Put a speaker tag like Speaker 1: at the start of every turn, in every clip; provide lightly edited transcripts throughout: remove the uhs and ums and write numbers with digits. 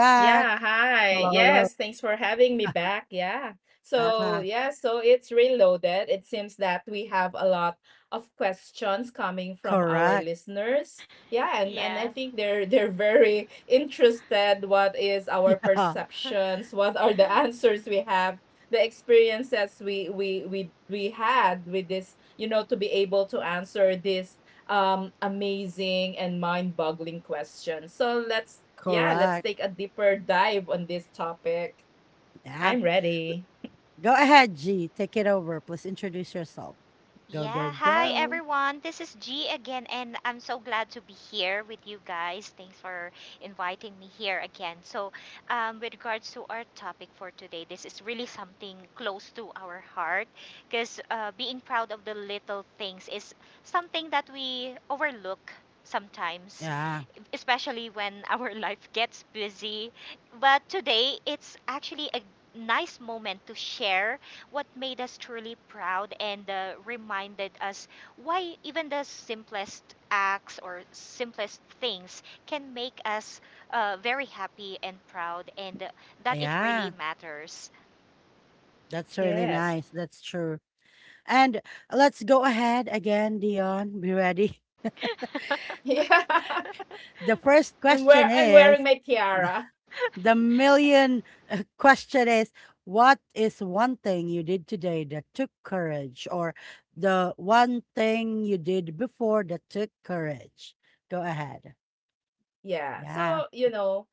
Speaker 1: Yeah, hi. Yes, thanks for having me back. Yeah. So it's reloaded. It seems that we have a lot of questions coming from our listeners. Yeah, and I
Speaker 2: Yeah.
Speaker 1: think they're very interested what is our perceptions, what are the answers we have, the experiences we had with this, to be able to answer this amazing and mind-boggling question. So, let's Yeah, let's take a deeper dive on this topic. I'm ready.
Speaker 2: Yeah, hi everyone. This is G again, and I'm so glad to be here with you guys. Thanks for inviting me here again. With regards to our topic for today, this is really something close to our heart because being proud of the little things is something that we overlook sometimes, especially when our life gets busy. But today, it's actually a nice moment to share what made us truly proud and reminded us why even the simplest acts or simplest things can make us very happy and proud, and that it really matters.
Speaker 1: Yes. Yeah, I'm wearing, I'm wearing my tiara. Yeah. So, you know,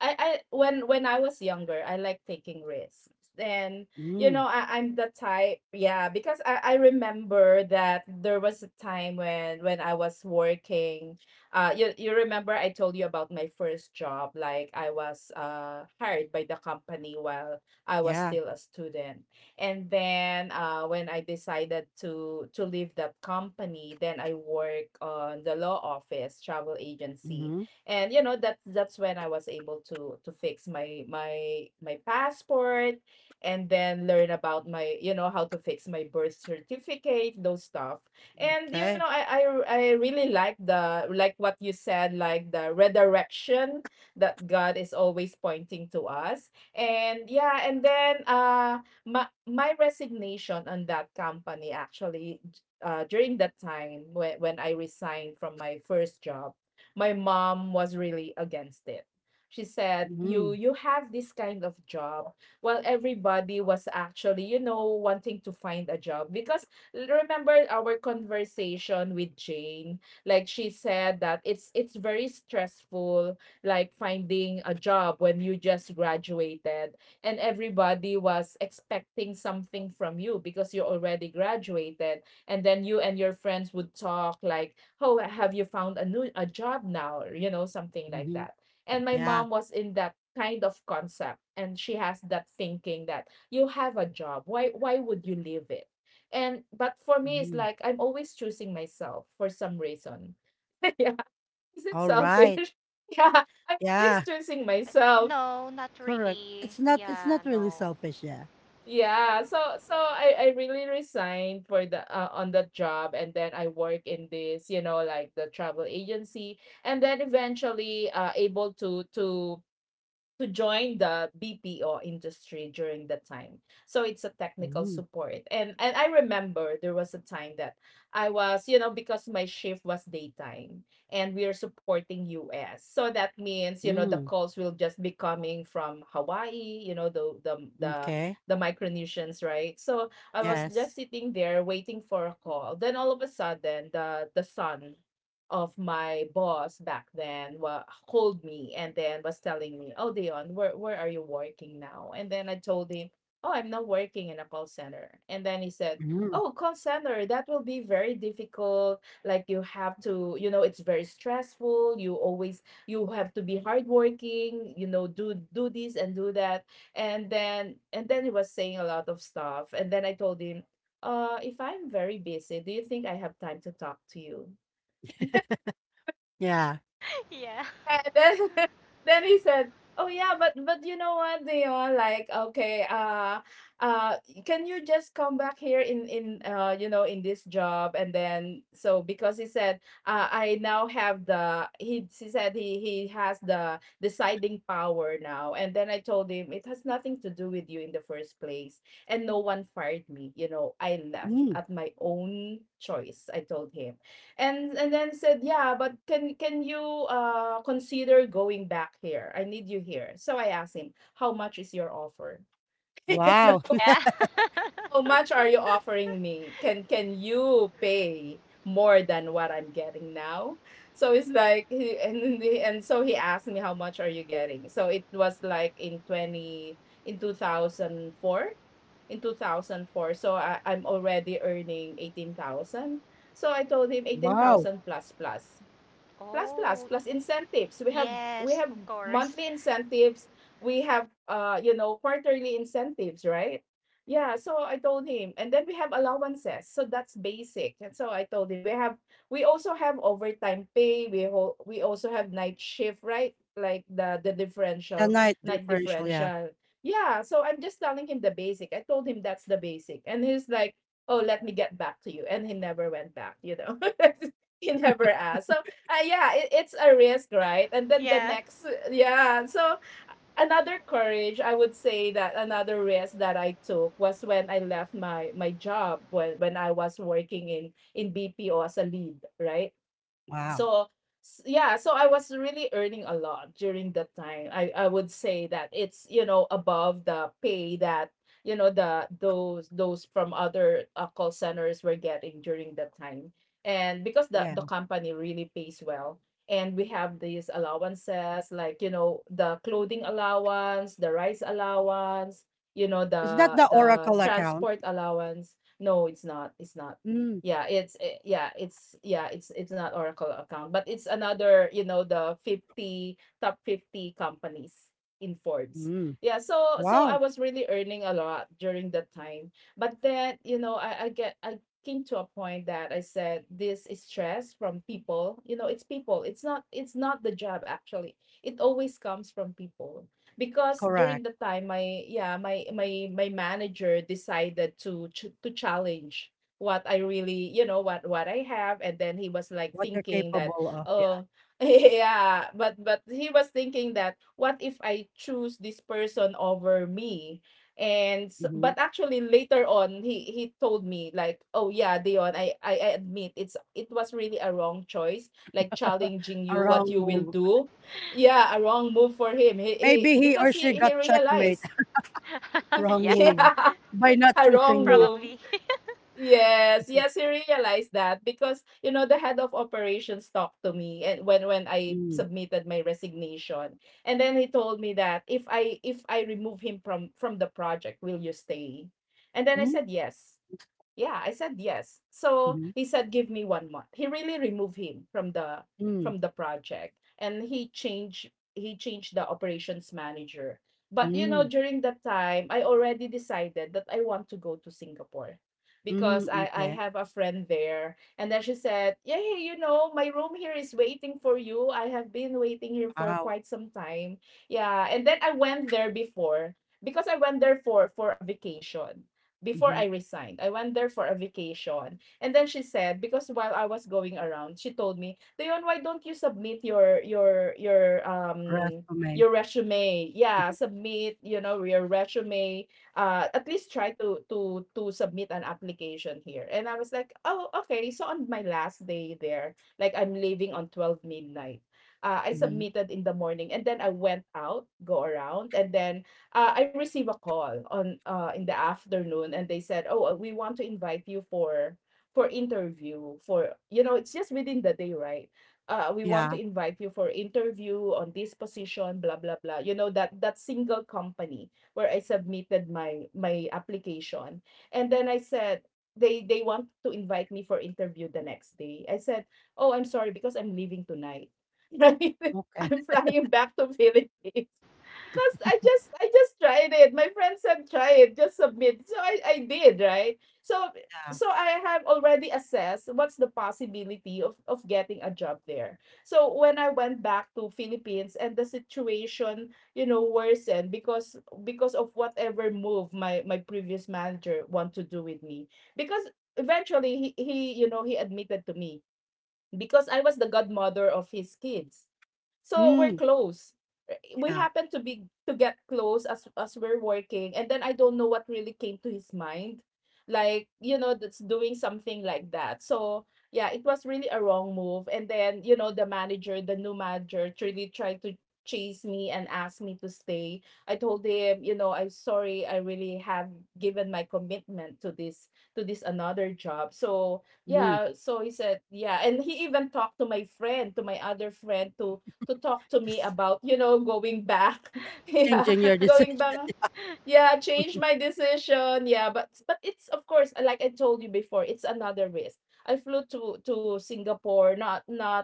Speaker 1: I when I was younger, I like taking risks. And You know, I'm the type, yeah, because I remember that there was a time when I was working. You remember I told you about my first job, like I was hired by the company while I was still a student. And then when I decided to leave that company, then I work on the law office travel agency. And you know, that's when I was able to fix my passport and then learn about my, you know, how to fix my birth certificate, those stuff. And you know, I really like the, like what you said, like the redirection that God is always pointing to us. And yeah, and then my resignation on that company actually, during that time when I resigned from my first job, my mom was really against it. She said, "You have this kind of job." Well, everybody was actually, you know, wanting to find a job because, remember our conversation with Jane, like she said that it's very stressful, like finding a job when you just graduated and everybody was expecting something from you because you already graduated. And then you and your friends would talk like, "Oh, have you found a new a job now?" Or, you know, something like that. And my mom was in that kind of concept, and she has that thinking that you have a job, why would you leave it? And but for me, it's like I'm always choosing myself for some reason. Yeah. Is it selfish? Yeah, I'm always choosing myself.
Speaker 2: No, not really. Yeah, no.
Speaker 1: Yeah, so I really resigned for the, on that job, and then I work in this, you know, like the travel agency. And then eventually able to join the BPO industry during that time. So it's a technical support. And I remember there was a time that I was, you know, because my shift was daytime and we are supporting US. So that means, you know, the calls will just be coming from Hawaii, you know, the, the Micronesians, right? So I was just sitting there waiting for a call. Then all of a sudden, the sun of my boss back then called me and then was telling me, "Oh, Dion, where are you working now?" And then I told him, "Oh, I'm not working in a call center." And then he said, "Oh, call center, that will be very difficult. Like you have to, you know, it's very stressful. You always, you have to be hardworking. You know, do this and do that." And then he was saying a lot of stuff. And then I told him, "Uh, if I'm very busy, do you think I have time to talk to you?"
Speaker 2: Yeah.
Speaker 1: And then then he said, "Oh yeah, but you know what, Dion? Like, okay, uh, can you just come back here in you know, in this job?" And then, so because he said, "Uh, I now have the," he said he has the deciding power now. And then I told him, "It has nothing to do with you in the first place, and no one fired me. You know, I left at my own choice." I told him, and then said, "Yeah, but can you, uh, consider going back here? I need you here." So I asked him, "How much is your offer? You know,
Speaker 2: Yeah.
Speaker 1: how much are you offering me? Can you pay more than what I'm getting now?" So it's like, he and the- and so he asked me, "How much are you getting?" So it was like in 20 in 2004 in 2004, so I, I'm already earning 18,000. So I told him, 18,000,
Speaker 2: Oh,
Speaker 1: Plus, incentives. We have we
Speaker 2: yes,
Speaker 1: have
Speaker 2: of course.
Speaker 1: monthly incentives. We have, uh, you know, quarterly incentives, right? Yeah. So I told him, and then we have allowances. So that's basic. And so I told him, we have, we also have overtime pay. We also have night shift, right? Like the differential, night differential. Yeah. So I'm just telling him the basic. I told him that's the basic, and he's like, "Oh, let me get back to you," and he never went back. You know. He never asked. So, yeah, it's a risk, right? And then the
Speaker 2: Yeah.
Speaker 1: next, yeah. So another courage, I would say that another risk that I took was when I left my job when I was working in BPO as a lead, right? so yeah, so I was really earning a lot during that time. I would say that it's, you know, above the pay that, you know, the those from other, call centers were getting during that time. And because the company really pays well, and we have these allowances, like, you know, the clothing allowance, the rice allowance, you know, the transport allowance. No, it's not yeah, yeah, it's, not Oracle account, but it's another, you know, the 50, top 50 companies in Forbes. Yeah, so so I was really earning a lot during that time. But then, you know, I came to a point that I said, this is stress from people. You know, it's people. It's not the job, actually. It always comes from people. Because during the time, my, yeah, my manager decided to challenge what I really, you know, what I have. And then he was like thinking that, oh, yeah, but he was thinking that, what if I choose this person over me? But actually later on, he told me, like, "Oh yeah, Dion, I admit, it's, it was really a wrong choice, like challenging you, what you will do. Yeah, a wrong move for him." He because he
Speaker 2: Yeah,
Speaker 1: yeah, a wrong move.
Speaker 2: probably.
Speaker 1: Yes, yes, I realized that, because you know, the head of operations talked to me, and when I submitted my resignation, and then he told me that if I, if I remove him from the project, will you stay? And then I said yes. Yeah, I said yes. So he said, give me 1 month. He really removed him from the, from the project, and he changed, he changed the operations manager. But you know, during that time, I already decided that I want to go to Singapore because I have a friend there. And then she said, "Yeah, yeah, you know, my room here is waiting for you. I have been waiting here for quite some time." Yeah, and then I went there before, because I went there for a vacation before I resigned. I went there for a vacation. And then she said, because while I was going around, she told me, "Dayon, why don't you submit your your resume? Yeah, submit, you know, your resume. Uh, at least try to submit an application here." And I was like, "Oh, okay." So on my last day there, like I'm leaving on 12 midnight. I submitted in the morning and then I went out, go around, and then, I received a call on, in the afternoon, and they said, "Oh, we want to invite you for interview for, you know, it's just within the day, right? We want to invite you for interview on this position, blah blah blah." You know, that that single company where I submitted my application, and then I said, they want to invite me for interview the next day. I said, "Oh, I'm sorry because I'm leaving tonight. Right? I'm flying back to Philippines." Because I just, I just tried it. My friend said, try it, just submit. So I did, right? So, so I have already assessed what's the possibility of getting a job there. So when I went back to Philippines and the situation, you know, worsened because of whatever move my previous manager want to do with me. Because eventually he you know he admitted to me because I was the godmother of his kids. So we're close. We happen to be to get close as we're working, and then I don't know what really came to his mind, like that's doing something like that. So yeah, it was really a wrong move. And then the manager, the new manager, really tried to chase me and ask me to stay. I told him, I'm sorry, I really have given my commitment to this another job. So yeah, so he said yeah, and he even talked to my friend, to my other friend, to talk to me about, going back. Yeah, going back. Yeah, change my decision. Yeah, but it's of course, like I told you before, it's another risk. I flew to Singapore, not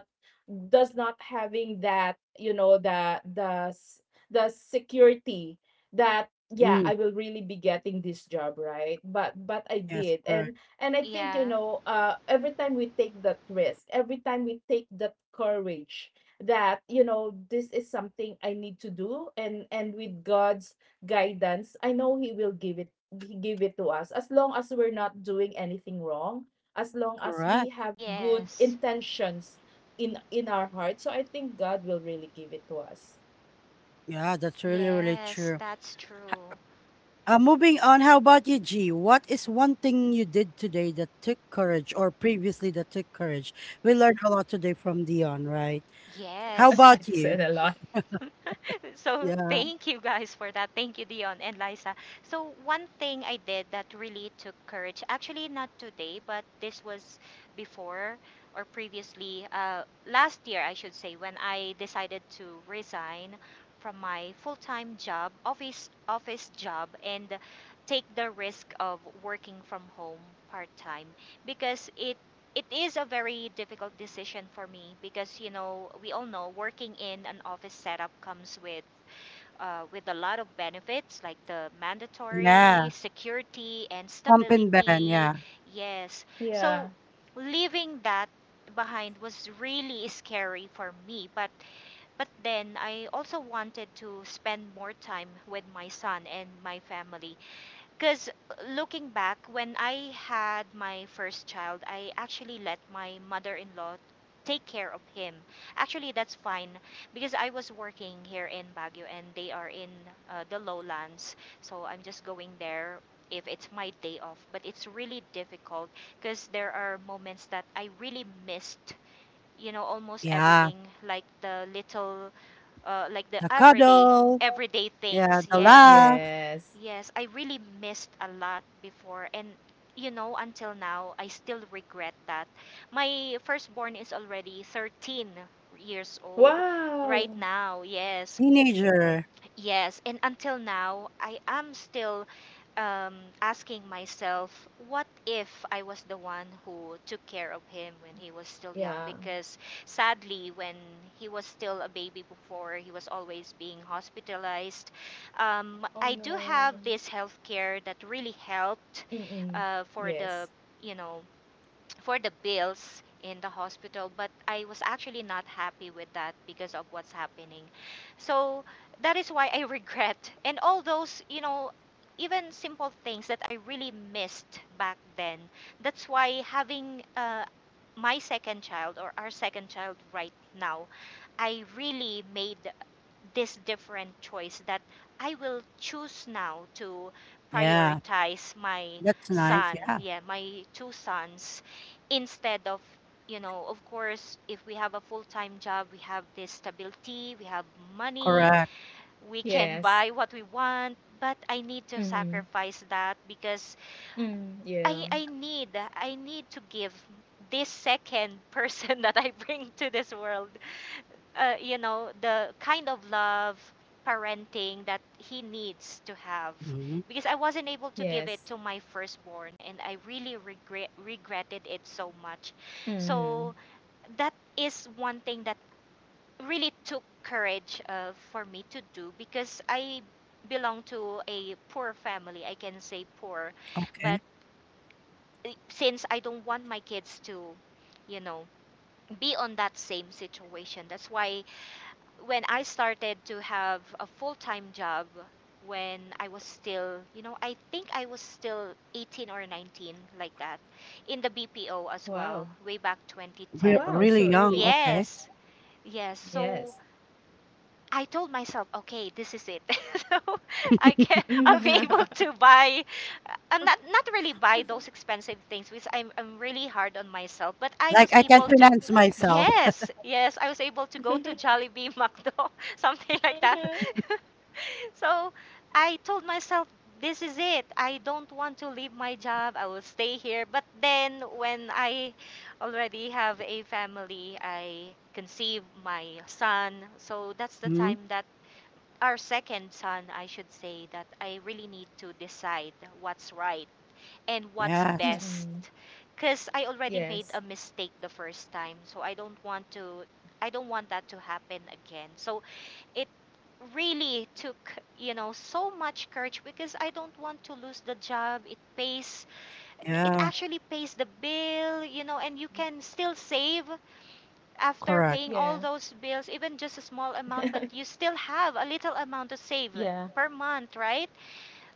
Speaker 1: does not having that the security that, yeah, I will really be getting this job, right. But I did, and I think
Speaker 2: Yeah.
Speaker 1: every time we take that risk, every time we take that courage that, this is something I need to do, and with God's guidance, I know He will give it, He give it to us as long as we're not doing anything wrong, as long as we have good
Speaker 2: Yes.
Speaker 1: intentions in our heart. So I think God will really give it to us.
Speaker 2: Yes, that's true. Yes.
Speaker 1: I said a lot.
Speaker 2: So thank you guys for that. Thank you, Dion and Liza. So one thing I did that really took courage, actually not today, but this was before, or previously, last year I should say, when I decided to resign from my full-time job, office job, and take the risk of working from home part-time. Because it is a very difficult decision for me, because you know we all know working in an office setup comes with a lot of benefits like the mandatory security and stability. Yes.
Speaker 1: Yeah.
Speaker 2: So leaving that behind was really scary for me, but then I also wanted to spend more time with my son and my family, because looking back, when I had my first child, I actually let my mother in law take care of him. Actually, that's fine because I was working here in Baguio and they are in the lowlands. So I'm just going there if it's my day off. But it's really difficult because there are moments that I really missed, you know, almost everything, like the little, like the everyday things. Yes.
Speaker 1: Yes.
Speaker 2: Yes, I really missed a lot before, and you know until now I still regret that. My firstborn is already 13 years old right
Speaker 1: Wow.
Speaker 2: now. Yes. Yes, and until now I am still um, asking myself, what if I was the one who took care of him when he was still
Speaker 1: Yeah.
Speaker 2: young? Because sadly, when he was still a baby before, he was always being hospitalized.
Speaker 1: Oh
Speaker 2: I do
Speaker 1: no.
Speaker 2: have this health care that really helped
Speaker 1: Mm-mm.
Speaker 2: for
Speaker 1: Yes.
Speaker 2: the you know for the bills in the hospital, but I was actually not happy with that because of what's happening. So that is why I regret, and all those, you know, even simple things that I really missed back then. That's why, having my second child, or our second child right now, I really made this different choice that I will choose now to prioritize my son, yeah, my two sons, instead of, you know, of course, if we have a full time job, we have this stability, we have money, we can
Speaker 1: Yes.
Speaker 2: buy what we want. But I need to
Speaker 1: Mm-hmm.
Speaker 2: sacrifice that because
Speaker 1: Mm, yeah.
Speaker 2: I, I need I need to give this second person that I bring to this world you know, the kind of love, parenting that he needs to have, because I wasn't
Speaker 1: Yes.
Speaker 2: able to give it to my firstborn and I really regretted it so much.
Speaker 1: Mm.
Speaker 2: So that is one thing that really took courage, for me to do, because I belong to a poor family. I can say poor, but since I don't want my kids to, you know, be on that same situation, that's why when I started to have a full time job when I was still, you know, I think I was still 18 or 19, like that, in the BPO as
Speaker 1: Wow.
Speaker 2: well, way back 2010.
Speaker 1: Wow, so early.
Speaker 2: Yes, yes.
Speaker 1: Yes.
Speaker 2: So I told myself, okay, this is it. So I can I'll be able to buy, I'm not really buy those expensive things because I'm really hard on myself, but I was able to, yes, yes, I was able to go to Jollibee, McDo, something like that.
Speaker 1: Mhm.
Speaker 2: So I told myself, this is it. I don't want to leave my job. I will stay here. But then when I already have a family, I conceive my son. So that's the time that, our second son, I should say, that I really need to decide what's right and what's best.
Speaker 1: Mm-mm.
Speaker 2: Because I already made
Speaker 1: Yes.
Speaker 2: a mistake the first time, so I don't want that to happen again. So it really took, you know, so much courage, because I don't want to lose the job. It pays, it actually pays the bill, you know, and you
Speaker 1: Mm.
Speaker 2: can still save after paying all
Speaker 1: Yeah.
Speaker 2: those bills, even just a small amount, but you still have a little amount to save
Speaker 1: Yeah.
Speaker 2: per month, right?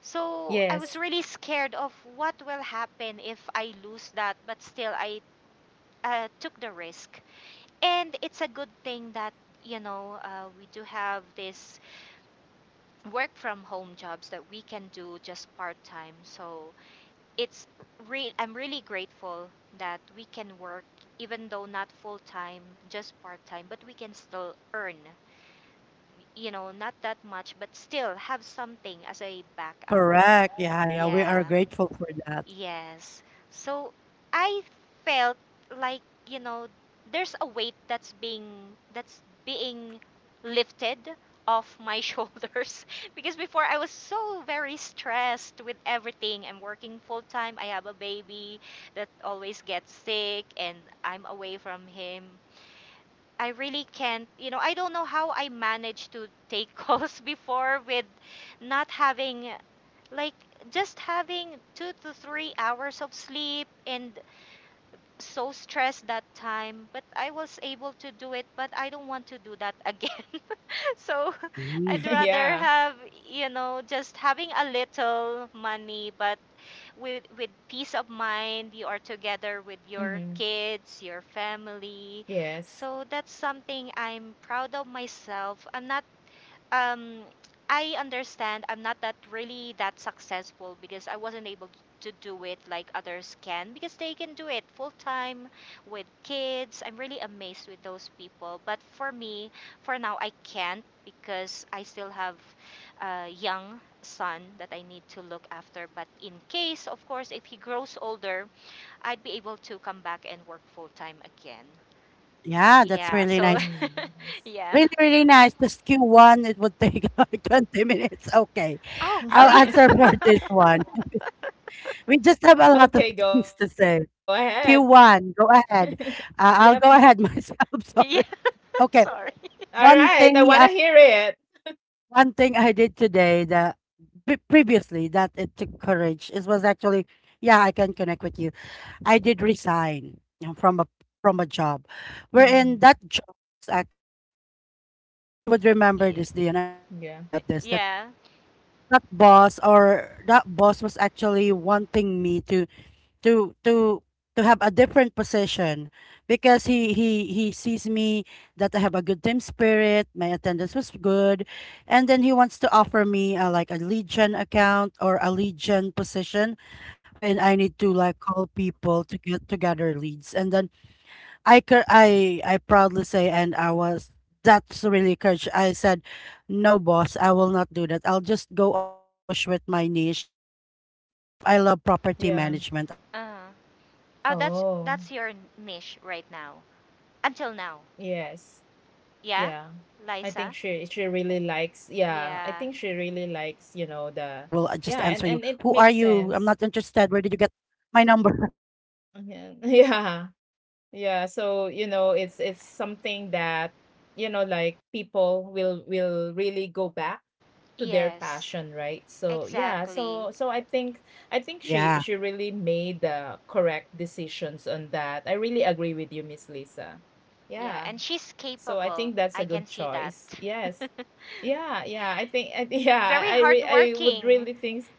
Speaker 2: So I was
Speaker 1: Yes.
Speaker 2: really scared of what will happen if I lose that, but still I, took the risk. And it's a good thing that you know we do have this work from home jobs that we can do just part time. So it's I'm really grateful that we can work, even though not full time, just part time, but we can still earn, you know, not that much, but still have something as a backup. Yeah, yes. So I felt like, you know, there's a weight that's being that's being lifted off my shoulders, because before I was so very stressed with everything. I'm working full time. I have a baby that always gets sick and I'm away from him. I really can't, you know, I don't know how I managed to take calls before with not having, like, just having 2 to 3 hours of sleep and so stressed that time. But I was able to do it, but I don't want to do that again. So I'd rather
Speaker 1: Yeah.
Speaker 2: have, you know, just having a little money, but with peace of mind, you are together with your
Speaker 1: Mm-hmm.
Speaker 2: kids, your family.
Speaker 1: Yes.
Speaker 2: So that's something I'm proud of myself. I'm not, um I understand I'm not that really that successful because I wasn't able to do it like others can, because they can do it full time with kids. I'm really amazed with those people. But for me, for now I can't, because I still have a young son that I need to look after. But in case, of course, if he grows older, I'd be able to come back and work full time again. Yeah, so
Speaker 1: Mm. Yes.
Speaker 2: yeah. Oh, oh yeah.
Speaker 1: Okay, go ahead. Yep.
Speaker 2: Yeah,
Speaker 1: All
Speaker 2: sorry.
Speaker 1: right. I want to hear it. Mm. Yeah.
Speaker 2: Yeah.
Speaker 1: Yeah.
Speaker 2: Uh, oh, that's
Speaker 1: Oh.
Speaker 2: that's your niche right now. Until now.
Speaker 1: Yes.
Speaker 2: Yeah?
Speaker 1: Yeah. I think
Speaker 2: Liza?
Speaker 1: she really likes. Yeah. I
Speaker 2: Yeah.
Speaker 1: think she really likes, the... Yeah, and it makes sense. Yeah. Yeah. Yeah, so, it's something that, like people will really go back to their
Speaker 2: Yes.
Speaker 1: passion, right? So yeah,
Speaker 2: Exactly.
Speaker 1: so I think she really made the correct decisions on that. I really agree with you, Miss Lisa.
Speaker 2: Yeah,
Speaker 1: Yeah.
Speaker 2: and she's
Speaker 1: So I
Speaker 2: capable.
Speaker 1: think that's a
Speaker 2: I
Speaker 1: good
Speaker 2: can see that.
Speaker 1: choice. Yes. Yeah, yeah. I think I Yeah,
Speaker 2: Very
Speaker 1: I would
Speaker 2: hardworking.
Speaker 1: really think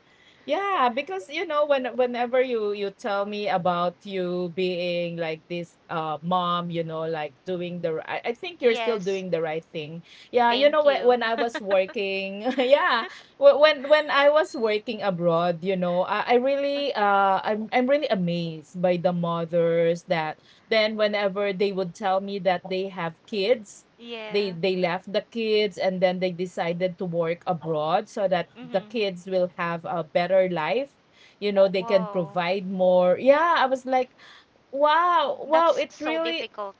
Speaker 1: yeah, because whenever you tell me about you being like this mom, like doing I think you're still
Speaker 2: Yes.
Speaker 1: doing the right thing. Yeah,
Speaker 2: Thank
Speaker 1: when
Speaker 2: you.
Speaker 1: when I was working, yeah, when I was working abroad, I really I'm really amazed by the mothers that then whenever they would tell me that they have kids, they
Speaker 2: Yeah.
Speaker 1: they left the kids and then they decided to work abroad so that the
Speaker 2: Mm-hmm.
Speaker 1: kids will have a better life, they can
Speaker 2: Whoa.
Speaker 1: provide more. Yeah, I was like, wow, wow,
Speaker 2: That's
Speaker 1: it
Speaker 2: so
Speaker 1: really...
Speaker 2: difficult.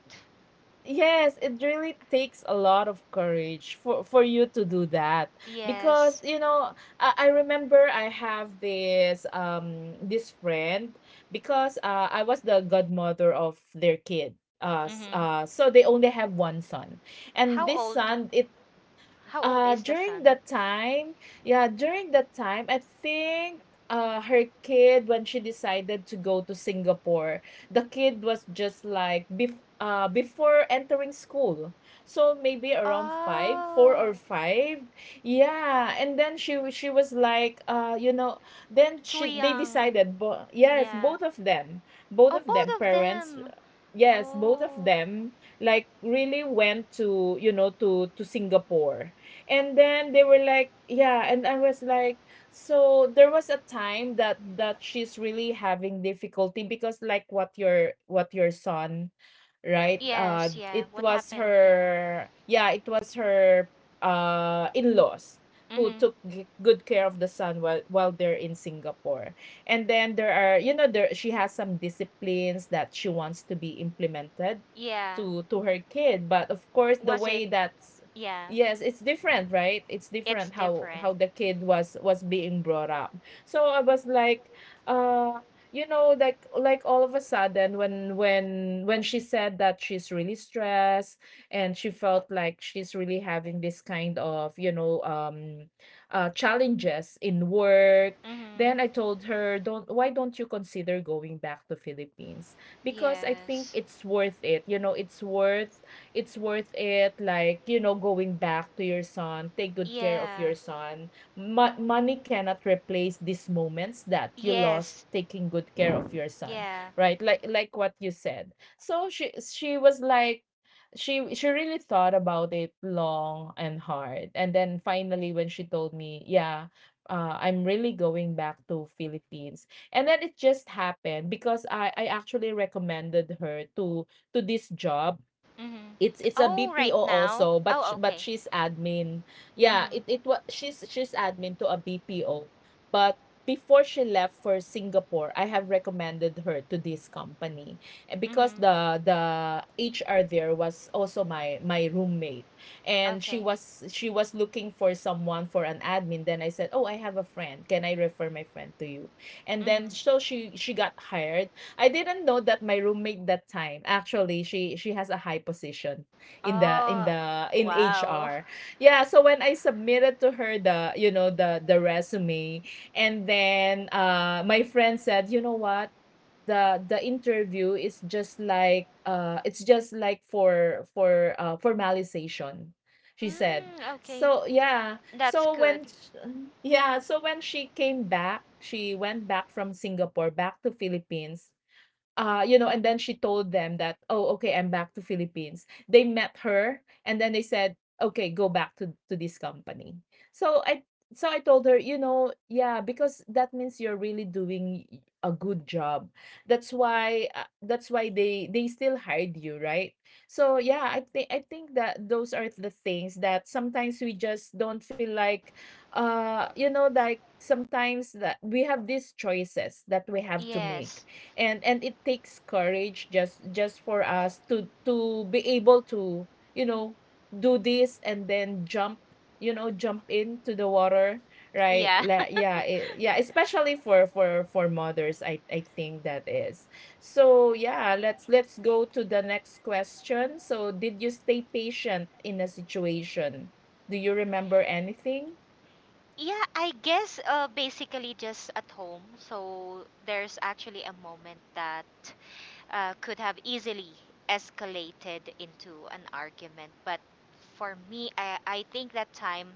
Speaker 1: Yes, it really takes a lot of courage for you to do that, because
Speaker 2: Yes.
Speaker 1: I remember, I have this friend, because, I was the godmother of their kid.
Speaker 2: Mm-hmm.
Speaker 1: So they only have one son, and
Speaker 2: How
Speaker 1: this
Speaker 2: old?
Speaker 1: son,
Speaker 2: How old is the
Speaker 1: during
Speaker 2: son?
Speaker 1: that time, yeah, during that time, I think her kid, when she decided to go to Singapore, the kid was just like, before entering school. So maybe around five, four
Speaker 2: Oh,
Speaker 1: or five. Yeah, and then she was like, then
Speaker 2: too
Speaker 1: she they
Speaker 2: young.
Speaker 1: decided, yes,
Speaker 2: Yeah.
Speaker 1: both
Speaker 2: Oh,
Speaker 1: of them
Speaker 2: both of
Speaker 1: parents.
Speaker 2: them.
Speaker 1: Yes, both of
Speaker 2: Oh,
Speaker 1: them, like, really went to, to Singapore. And then they were like, yeah, and I was like, so there was a time that she's really having difficulty because, like, what your son, right?
Speaker 2: yes, yeah.
Speaker 1: It
Speaker 2: What
Speaker 1: was
Speaker 2: happened? Yeah.
Speaker 1: her yeah, it was her, in-laws who
Speaker 2: Mm-hmm.
Speaker 1: took g good care of the son while they're in Singapore. And then there are, you know, there she has some disciplines that she wants to be implemented
Speaker 2: Yeah.
Speaker 1: to her kid. But of course, the
Speaker 2: Was it?
Speaker 1: way that...
Speaker 2: Yeah.
Speaker 1: Yes, it's different, right? It's
Speaker 2: It's
Speaker 1: different how
Speaker 2: different.
Speaker 1: how the kid was being brought up. So I was like, uh, like all of a sudden when she said that she's really stressed, and she felt like she's really having this kind of, challenges in work.
Speaker 2: Mm-hmm.
Speaker 1: Then I told her, don't why don't you consider going back to Philippines? Because I think
Speaker 2: Yes.
Speaker 1: it's worth it. It's worth it, like, going back to your son. Take good care of
Speaker 2: Yeah.
Speaker 1: your son. Money cannot replace these moments that you lost
Speaker 2: Yes.
Speaker 1: taking good care of your son,
Speaker 2: Yeah.
Speaker 1: right, like what you said. So she was like she really thought about it long and hard, and then finally, when she told me, yeah, I'm really going back to Philippines. And then it just happened, because I actually recommended her to this job.
Speaker 2: Mm-hmm.
Speaker 1: It's a
Speaker 2: Oh, right
Speaker 1: BPO
Speaker 2: now?
Speaker 1: also, but
Speaker 2: Oh,
Speaker 1: but
Speaker 2: okay.
Speaker 1: she's admin. Yeah,
Speaker 2: Mm-hmm.
Speaker 1: it was she's admin to a BPO. But before she left for Singapore, I have recommended her to this company, and because
Speaker 2: Mm-hmm.
Speaker 1: the HR there was also my roommate, and
Speaker 2: Okay.
Speaker 1: she was looking for someone for an admin. Then I said, "Oh, I have a friend. Can I refer my friend to you?" And
Speaker 2: Mm-hmm.
Speaker 1: then, so she got hired. I didn't know that my roommate that time, actually she has a high position in the in
Speaker 2: Oh,
Speaker 1: the in
Speaker 2: wow.
Speaker 1: HR. Yeah, so when I submitted to her the resume, and then, my friend said, "You know what? The interview is just like, it's just like for formalization." She said.
Speaker 2: Mm, okay.
Speaker 1: So yeah,
Speaker 2: That's
Speaker 1: so
Speaker 2: good.
Speaker 1: when she came back, she went back from Singapore back to Philippines, and then she told them that, "Oh, okay, I'm back to Philippines." They met her, and then they said, "Okay, go back to, this company." So I so I told her, yeah, because that means you're really doing a good job. That's why, that's why they still hired you, right? So yeah, I think that those are the things that sometimes we just don't feel like, like, sometimes, that we have these choices that we have to make,
Speaker 2: Yes.
Speaker 1: and it takes courage, just for us to be able to, you know do this and then jump, jump into the water, right,
Speaker 2: Yeah.
Speaker 1: Yeah, especially for mothers. I think that is... So yeah, let's go to the next question. So, did you stay patient in a situation? Do you remember anything?
Speaker 2: Yeah, I guess basically just at home. So there's actually a moment that could have easily escalated into an argument. But for me, I think that time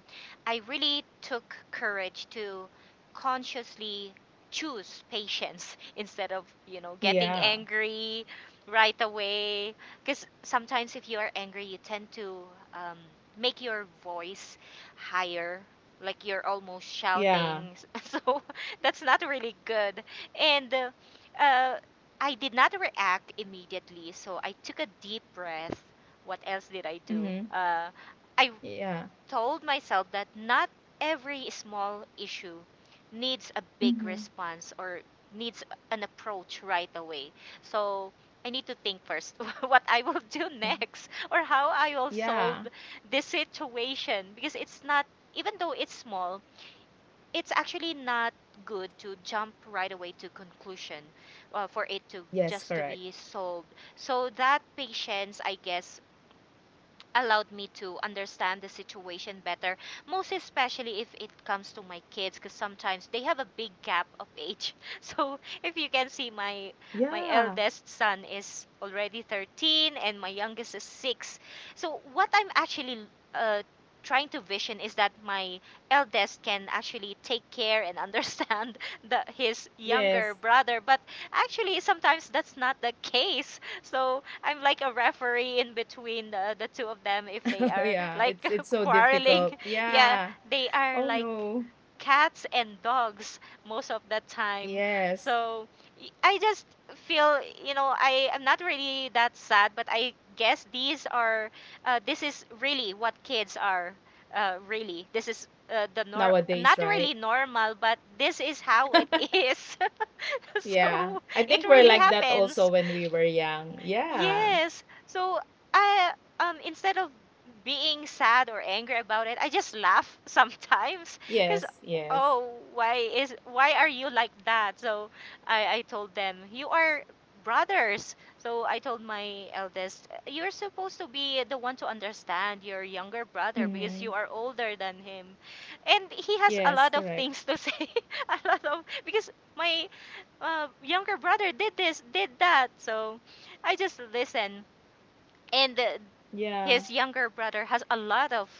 Speaker 2: I really took courage to consciously choose patience instead of, you know, getting
Speaker 1: Yeah,
Speaker 2: angry right away. Because sometimes if you are angry, you tend to, um, make your voice higher. Like you're almost
Speaker 1: yeah.
Speaker 2: shouting, so that's not really good. And uh, I did not react immediately, so I took a deep breath. What else did I do?
Speaker 1: Mm-hmm.
Speaker 2: I
Speaker 1: Yeah.
Speaker 2: told myself that not every small issue needs a big
Speaker 1: Mm-hmm.
Speaker 2: response, or needs an approach right away. So I need to think first what I will do
Speaker 1: Mm-hmm.
Speaker 2: next, or how I will
Speaker 1: Yeah.
Speaker 2: solve this situation, because it's not, even though it's small, it's actually not good to jump right away to conclusion, for it to
Speaker 1: Yes,
Speaker 2: just to
Speaker 1: correct.
Speaker 2: be solved. So that patience, I guess, allowed me to understand the situation better, most especially if it comes to my kids, because sometimes they have a big gap of age. So if you can see, my
Speaker 1: Yeah.
Speaker 2: eldest son is already 13 and my youngest is 6. So what I'm actually uh, trying to vision is that my eldest can actually take care and understand his
Speaker 1: Yeah,
Speaker 2: younger brother, but actually sometimes that's not the case, so I'm like a referee in between the two of them, if they are
Speaker 1: yeah,
Speaker 2: like
Speaker 1: it's so
Speaker 2: quarreling.
Speaker 1: difficult.
Speaker 2: Yeah,
Speaker 1: Yeah.
Speaker 2: they are
Speaker 1: Oh
Speaker 2: like
Speaker 1: no.
Speaker 2: cats and dogs most of the time.
Speaker 1: Yes.
Speaker 2: So I just feel, you know, I am not really that sad, but I guess these are, this is really what kids are, really. This is the nor,
Speaker 1: Nowadays,
Speaker 2: not
Speaker 1: right?
Speaker 2: really normal, but this is how it is.
Speaker 1: Yeah.
Speaker 2: So
Speaker 1: I
Speaker 2: it
Speaker 1: think we're
Speaker 2: really
Speaker 1: like that
Speaker 2: happens.
Speaker 1: also when we were young. Yeah.
Speaker 2: Yes. So I instead of being sad or angry about it, I just laugh sometimes because
Speaker 1: Yes, yes.
Speaker 2: oh why are you like that? So I told them, you are brothers. So I told my eldest, you're supposed to be the one to understand your younger brother because
Speaker 1: Mm-hmm.
Speaker 2: you are older than him. And he has a
Speaker 1: Yes,
Speaker 2: lot of
Speaker 1: correct.
Speaker 2: things to say. A lot of because my younger brother did this, did that. So I just listen. And
Speaker 1: Yeah.
Speaker 2: his younger brother has a lot of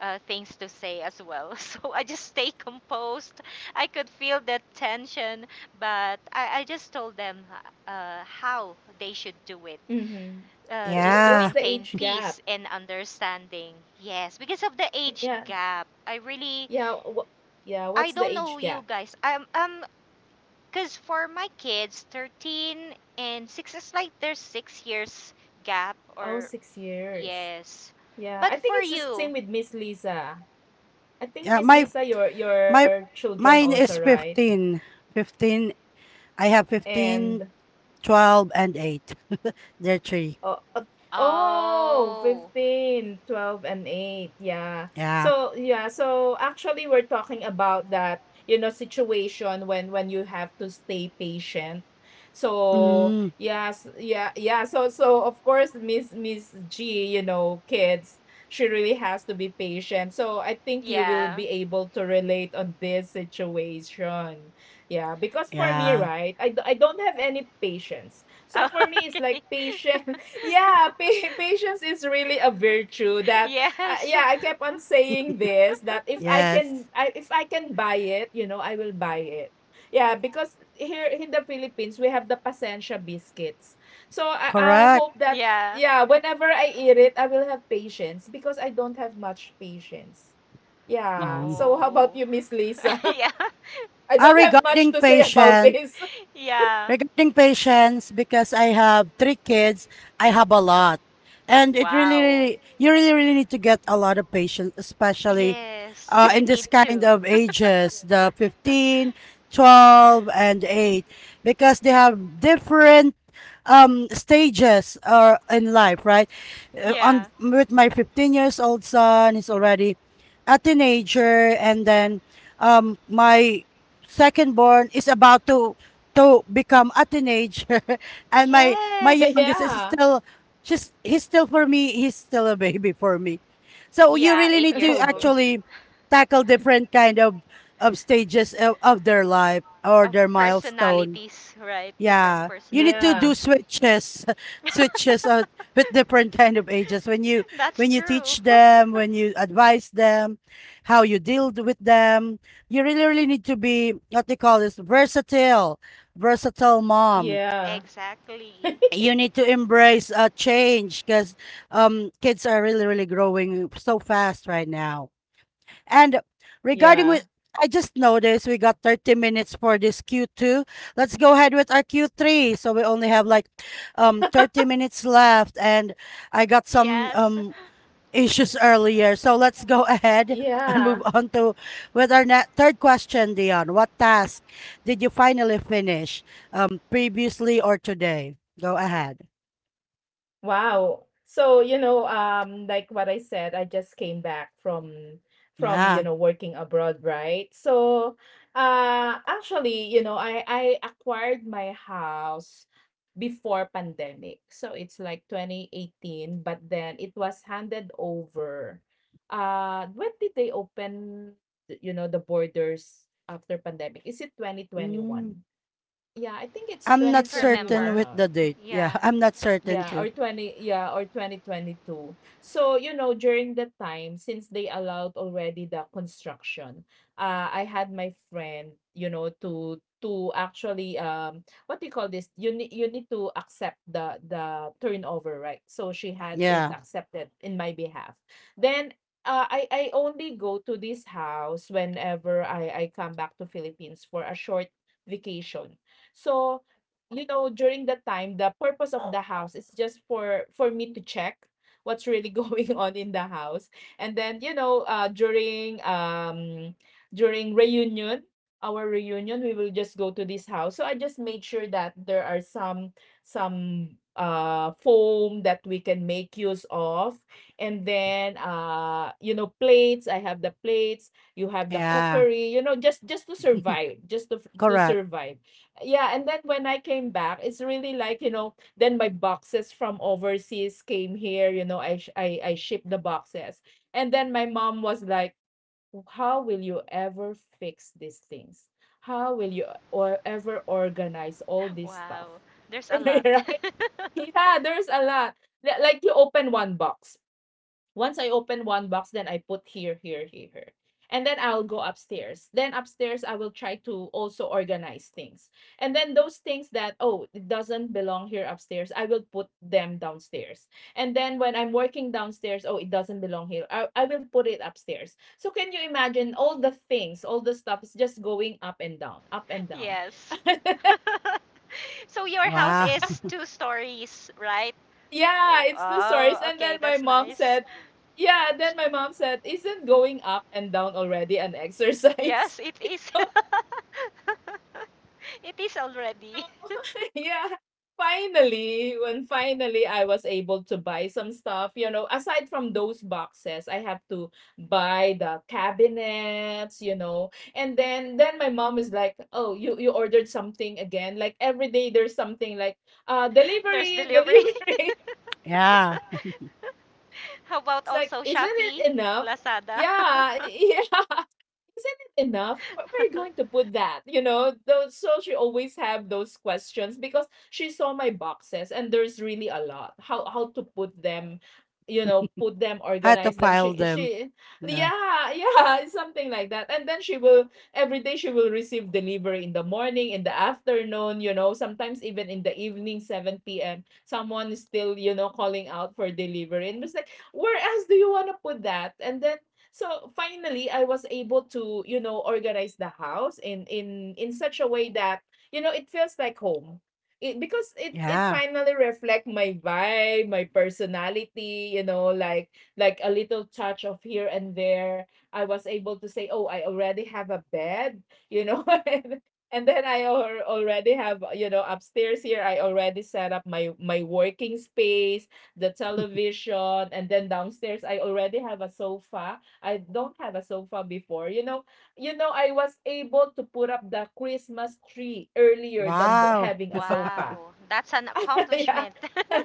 Speaker 2: things to say as well. So I just stay composed. I could feel that tension, but I just told them how they should do it.
Speaker 1: Mm-hmm.
Speaker 2: Just to
Speaker 3: Yeah.
Speaker 1: What's the
Speaker 2: maintain
Speaker 1: age
Speaker 2: peace
Speaker 1: gap?
Speaker 2: and understanding. Yes, because of the age
Speaker 1: Yeah.
Speaker 2: gap i really
Speaker 1: Yeah.
Speaker 2: i
Speaker 1: What's the
Speaker 2: don't know,
Speaker 1: age
Speaker 2: you
Speaker 1: gap?
Speaker 2: guys. I'm Because for my kids, 13 and 6 is like there's 6 years gap
Speaker 1: Oh,
Speaker 2: or
Speaker 1: 6 years.
Speaker 2: yes.
Speaker 1: Yeah.
Speaker 2: But
Speaker 1: I think
Speaker 2: for
Speaker 1: it's the same
Speaker 2: you,
Speaker 1: with Miss Lisa. I think
Speaker 3: Yeah,
Speaker 1: Miss
Speaker 3: my
Speaker 1: Lisa, your
Speaker 3: my
Speaker 1: children
Speaker 3: mine
Speaker 1: also,
Speaker 3: is
Speaker 1: right?
Speaker 3: 15. 15. I have
Speaker 1: And,
Speaker 3: 15, 12, and 8. They're three.
Speaker 1: oh uh, oh,
Speaker 2: oh,
Speaker 1: 15, 12 and 8, yeah.
Speaker 3: Yeah.
Speaker 1: So, yeah, so actually we're talking about that, situation when you have to stay patient. So
Speaker 3: Mm,
Speaker 1: yeah, yeah, so of course, Miss Miss G, kids. She really has to be patient, so I think you will
Speaker 2: yeah.
Speaker 1: be able to relate on this situation. Yeah, because for me,
Speaker 3: yeah.
Speaker 1: right, I don't have any patience, so
Speaker 2: Oh,
Speaker 1: for me it's like patience. Yeah, patience is really a virtue that,
Speaker 2: yes.
Speaker 1: yeah, I kept on saying this, that
Speaker 3: Yes.
Speaker 1: if I can buy it, I will buy it. Yeah, because here in the Philippines we have the pasensya biscuits, so I
Speaker 3: Correct.
Speaker 1: hope that,
Speaker 2: Yeah.
Speaker 1: yeah, whenever I eat it, I will have patience, because I don't have much patience. Yeah.
Speaker 3: Mm.
Speaker 1: So how
Speaker 2: Oh.
Speaker 1: about you, Miss Lisa?
Speaker 2: Yeah.
Speaker 1: I
Speaker 3: Uh,
Speaker 1: don't have much
Speaker 3: regarding
Speaker 1: to say about it.
Speaker 3: patience,
Speaker 2: Yeah.
Speaker 3: Regarding patience, because I have three kids, I have a lot. And it really,
Speaker 2: Wow.
Speaker 3: really you really, really need to get a lot of patience, especially
Speaker 2: Yes, you
Speaker 3: in
Speaker 2: need
Speaker 3: this kind
Speaker 2: to.
Speaker 3: of ages, the 15, 12, and 8, because they have different stages in life, right? Uh,
Speaker 2: Yeah.
Speaker 3: on with my 15 years old son, he's already a teenager, and then my second born is about to become a teenager and my
Speaker 2: Yes.
Speaker 3: youngest is
Speaker 1: Yeah.
Speaker 3: still, she's he's still, for me, he's still a baby for me, so you
Speaker 2: Yeah,
Speaker 3: really
Speaker 2: 8
Speaker 3: need
Speaker 2: years
Speaker 3: to
Speaker 1: Oh
Speaker 2: old
Speaker 1: no.
Speaker 3: actually tackle different kind of stages of their life or
Speaker 2: of
Speaker 3: their milestone.
Speaker 2: personalities, right? Different
Speaker 3: Yeah, you need to
Speaker 1: Yeah.
Speaker 3: do
Speaker 2: personalities.
Speaker 3: switches, switches, with different kind of ages when you
Speaker 2: That's
Speaker 3: when you
Speaker 2: true.
Speaker 3: teach them, when you advise them, how you deal with them. You really really need to be what they call this versatile mom.
Speaker 1: Yeah.
Speaker 2: Exactly.
Speaker 3: You need to embrace a change because kids are really really growing so fast right now. And regarding
Speaker 1: Yeah.
Speaker 3: with, I just noticed we got 30 minutes for this Q2. Let's go ahead with our Q3. So we only have like 30 minutes left, and I got some
Speaker 2: Yes.
Speaker 3: issues earlier. So let's go ahead and move
Speaker 1: Yeah.
Speaker 3: on to with our third question, Dion. What task did you finally finish, previously or today? Go ahead.
Speaker 1: Wow. So, like what I said, I just came back from,
Speaker 3: Yeah.
Speaker 1: working abroad, right? So, actually, I acquired my house before pandemic. So, it's like 2018, but then it was handed over. When did they open, the borders after pandemic? Is it
Speaker 3: Mm.
Speaker 1: 2021? Yeah, I think it's
Speaker 2: I
Speaker 3: I'm not
Speaker 2: can't
Speaker 3: certain
Speaker 1: 2021,
Speaker 2: remember.
Speaker 3: with
Speaker 1: or
Speaker 3: the date. Yeah,
Speaker 2: Yeah.
Speaker 3: I'm not
Speaker 2: I
Speaker 3: certain
Speaker 1: yeah,
Speaker 2: can't.
Speaker 3: too.
Speaker 1: or 20, yeah, or 2022. So, you know, during that time, since they allowed already the construction, I had my friend, you know, to actually what do you call this? You need to accept the turnover, right? So she had it
Speaker 3: Yeah.
Speaker 1: accepted in my behalf. Then I only go to this house whenever I come back to Philippines for a short vacation. So, you know, during that time, the purpose of the house is just for me to check what's really going on in the house, and then, you know, during during reunion, our reunion, we will just go to this house. So I just made sure that there are some some foam that we can make use of, and then, you know, plates. I have the plates, you have the
Speaker 3: Yeah.
Speaker 1: cookery, you know, just to survive, just to
Speaker 3: Correct.
Speaker 1: survive. Yeah, and then when I came back, it's really like, you know, then my boxes from overseas came here. You know, I sh- I shipped the boxes, and then my mom was like, how will you ever fix these things? How will you or ever organize all this stuff?
Speaker 2: Wow. There's a
Speaker 1: Right.
Speaker 2: lot.
Speaker 1: Yeah, there's a lot. Like you open one box. Once I open one box, then I put here, here, here, here. And then I'll go upstairs. Then upstairs, I will try to also organize things. And then those things that, oh, it doesn't belong here upstairs, I will put them downstairs. And then when I'm working downstairs, oh, it doesn't belong here, I will put it upstairs. So can you imagine, all the things, all the stuff is just going up and down, up and down.
Speaker 2: Yes. So your house
Speaker 3: Wow.
Speaker 2: is two stories, right?
Speaker 1: Yeah, it's the source.
Speaker 2: Oh,
Speaker 1: And then
Speaker 2: okay.
Speaker 1: my
Speaker 2: That's
Speaker 1: mom
Speaker 2: nice.
Speaker 1: said, yeah, then my mom said, isn't going up and down already an exercise?
Speaker 2: Yes, it is. It is already.
Speaker 1: Yeah. Finally, when finally I was able to buy some stuff, you know, aside from those boxes, I have to buy the cabinets, you know. And then my mom is like, "Oh, you ordered something again." Like every day there's something like,
Speaker 2: There's
Speaker 1: delivery,
Speaker 2: delivery.
Speaker 1: delivery."
Speaker 3: Yeah.
Speaker 2: How about
Speaker 1: It's like,
Speaker 2: also
Speaker 1: "Isn't it
Speaker 2: Shopee,
Speaker 1: enough?"
Speaker 2: Lazada?
Speaker 1: Yeah, yeah, isn't it enough? Where are you going to put that? You know, those, so she always have those questions because she saw my boxes and there's really a lot. How to put them, you know, put them,
Speaker 3: Had to
Speaker 1: organize them.
Speaker 3: file them.
Speaker 1: She
Speaker 3: Yeah.
Speaker 1: yeah, yeah, something like that. And then she will every day she will receive delivery in the morning, in the afternoon, you know, sometimes even in the evening, 7 p.m. Someone is still, you know, calling out for delivery. And it's like, where else do you want to put that? And then so finally, I was able to, you know, organize the house in such a way that, you know, it feels like home. It, because it
Speaker 3: Yeah.
Speaker 1: finally reflect my vibe, my personality, you know, like a little touch of here and there. I was able to say, "Oh, I already have a bed," you know, and then I already have, you know, upstairs here I already set up my working space, the television, and then downstairs I already have a sofa. I don't have a sofa before. You know, I was able to put up the Christmas tree earlier than the,
Speaker 3: Wow.
Speaker 1: having a sofa.
Speaker 2: Wow. That's an
Speaker 1: Yeah.
Speaker 2: accomplishment.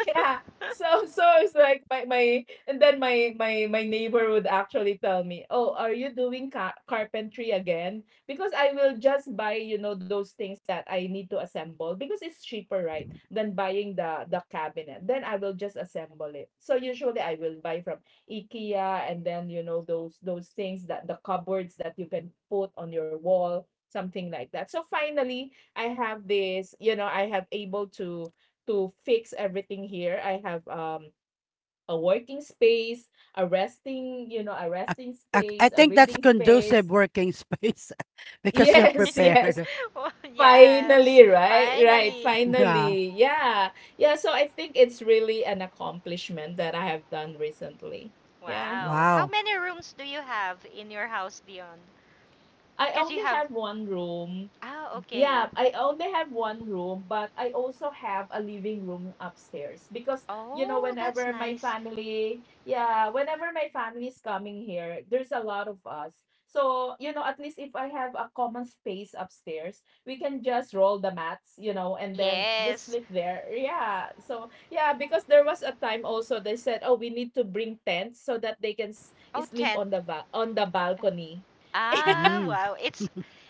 Speaker 1: Yeah. So I was like my and then my neighbor would actually tell me, "Oh, are you doing carpentry again?" Because I will just buy, you know, those things that I need to assemble because it's cheaper, right, than buying the cabinet. Then I will just assemble it. So usually I will buy from IKEA, and then, you know, those things, that the cupboards that you can put on your wall, something like that. So finally, I have this, you know, I have able to fix everything here. I have a working space, a resting, you know, a
Speaker 3: I,
Speaker 1: resting
Speaker 3: I
Speaker 1: space, a
Speaker 3: think that's
Speaker 1: reading space.
Speaker 3: conducive working space because you're
Speaker 1: Yes, yes.
Speaker 3: prepared.
Speaker 2: Oh, yes,
Speaker 1: Finally, right? Right,
Speaker 2: finally.
Speaker 3: Yeah.
Speaker 1: finally. Yeah. Yeah, so I think it's really an accomplishment that I have done recently. Yeah.
Speaker 2: Wow. How
Speaker 3: Wow.
Speaker 2: many rooms do you have in your house, Dion?
Speaker 1: I
Speaker 2: Because you
Speaker 1: only
Speaker 2: have.
Speaker 1: have one room.
Speaker 2: Ah, okay.
Speaker 1: Yeah, I only have one room, but I also have a living room upstairs, because you know
Speaker 2: Oh, that's
Speaker 1: whenever my
Speaker 2: nice.
Speaker 1: family, yeah, whenever my family is coming here, there's a lot of us. So, you know, at least if I have a common space upstairs, we can just roll the mats, you know, and then just
Speaker 2: Yes.
Speaker 1: sleep there. Yeah. So, yeah, because there was a time also they said, "Oh, we need to bring tents so that they can
Speaker 2: Oh,
Speaker 1: sleep
Speaker 2: tent.
Speaker 1: on the on the balcony."
Speaker 2: Ah,
Speaker 3: Mm.
Speaker 2: wow. It's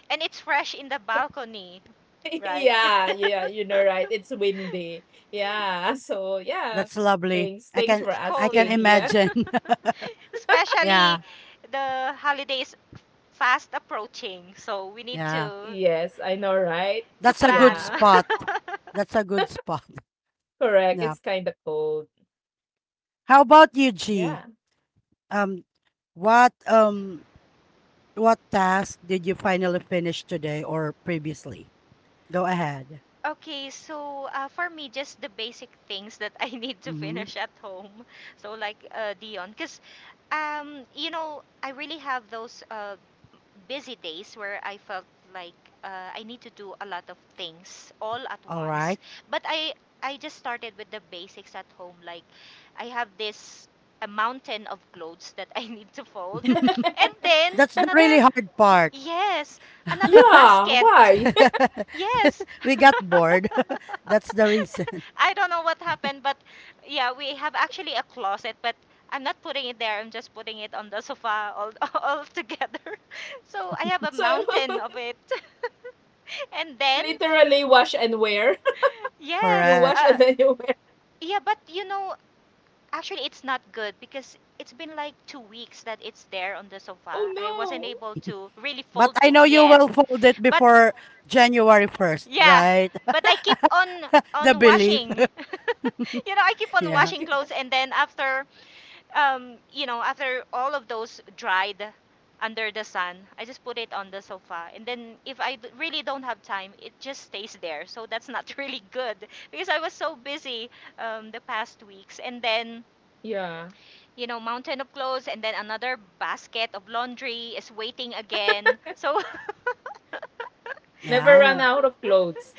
Speaker 2: and it's fresh in the balcony, right?
Speaker 1: Yeah, yeah, you know, right? It's windy. Yeah. So yeah,
Speaker 3: That's lovely.
Speaker 1: thanks. Thanks for
Speaker 2: It's
Speaker 3: I
Speaker 2: cold.
Speaker 3: can
Speaker 1: asking. Yeah.
Speaker 3: imagine.
Speaker 2: Especially
Speaker 3: Yeah.
Speaker 2: the holidays fast approaching, so we need
Speaker 3: Yeah.
Speaker 2: to
Speaker 1: Yes, I know, right?
Speaker 2: to
Speaker 3: That's a
Speaker 2: plan.
Speaker 3: good
Speaker 1: Yeah,
Speaker 3: spot. That's a good spot.
Speaker 1: correct.
Speaker 3: Yeah.
Speaker 1: It's kind of cold.
Speaker 3: How about you, G?
Speaker 1: Yeah.
Speaker 3: Um, what um what task did you finally finish today or previously? Go ahead.
Speaker 2: Okay, so for me, just the basic things that I need to
Speaker 3: Mhm.
Speaker 2: finish at home. So, like Dion, because I really have those busy days where I felt like I need to do a lot of things all at
Speaker 3: All
Speaker 2: once.
Speaker 3: right.
Speaker 2: But I just started with the basics at home. Like I have this a mountain of clothes that I need to fold, and then
Speaker 3: That's the really
Speaker 2: another,
Speaker 3: hard part.
Speaker 2: yes, another
Speaker 1: Yeah,
Speaker 2: basket.
Speaker 1: why?
Speaker 2: Yes,
Speaker 3: We got bored. That's the reason.
Speaker 2: I don't know what happened, but yeah, we have actually a closet, but I'm not putting it there. I'm just putting it on the sofa all, all together. So I have a
Speaker 1: So
Speaker 2: mountain of it. And then,
Speaker 1: literally wash and wear. You
Speaker 2: yes,
Speaker 1: wash
Speaker 3: Correct.
Speaker 1: and then you wear.
Speaker 2: yeah, but actually, it's not good because it's been like 2 weeks that it's there on the sofa.
Speaker 1: Oh
Speaker 2: I wasn't
Speaker 1: no.
Speaker 2: able to really
Speaker 3: But
Speaker 2: fold
Speaker 3: I
Speaker 2: it
Speaker 3: know you
Speaker 2: yet.
Speaker 3: will fold it
Speaker 2: But
Speaker 3: before January 1st,
Speaker 2: yeah,
Speaker 3: right?
Speaker 2: but I keep on
Speaker 3: The belief.
Speaker 2: washing. You know, I keep on
Speaker 3: Yeah.
Speaker 2: washing clothes, and then after all of those dried under the sun, I just put it on the sofa. And then if I really don't have time, it just stays there. So that's not really good because I was so busy the past weeks. And then,
Speaker 1: Yeah.
Speaker 2: mountain of clothes and then another basket of laundry is waiting again. So
Speaker 1: Never
Speaker 2: I
Speaker 1: run
Speaker 3: Yeah.
Speaker 2: don't,
Speaker 1: out of clothes.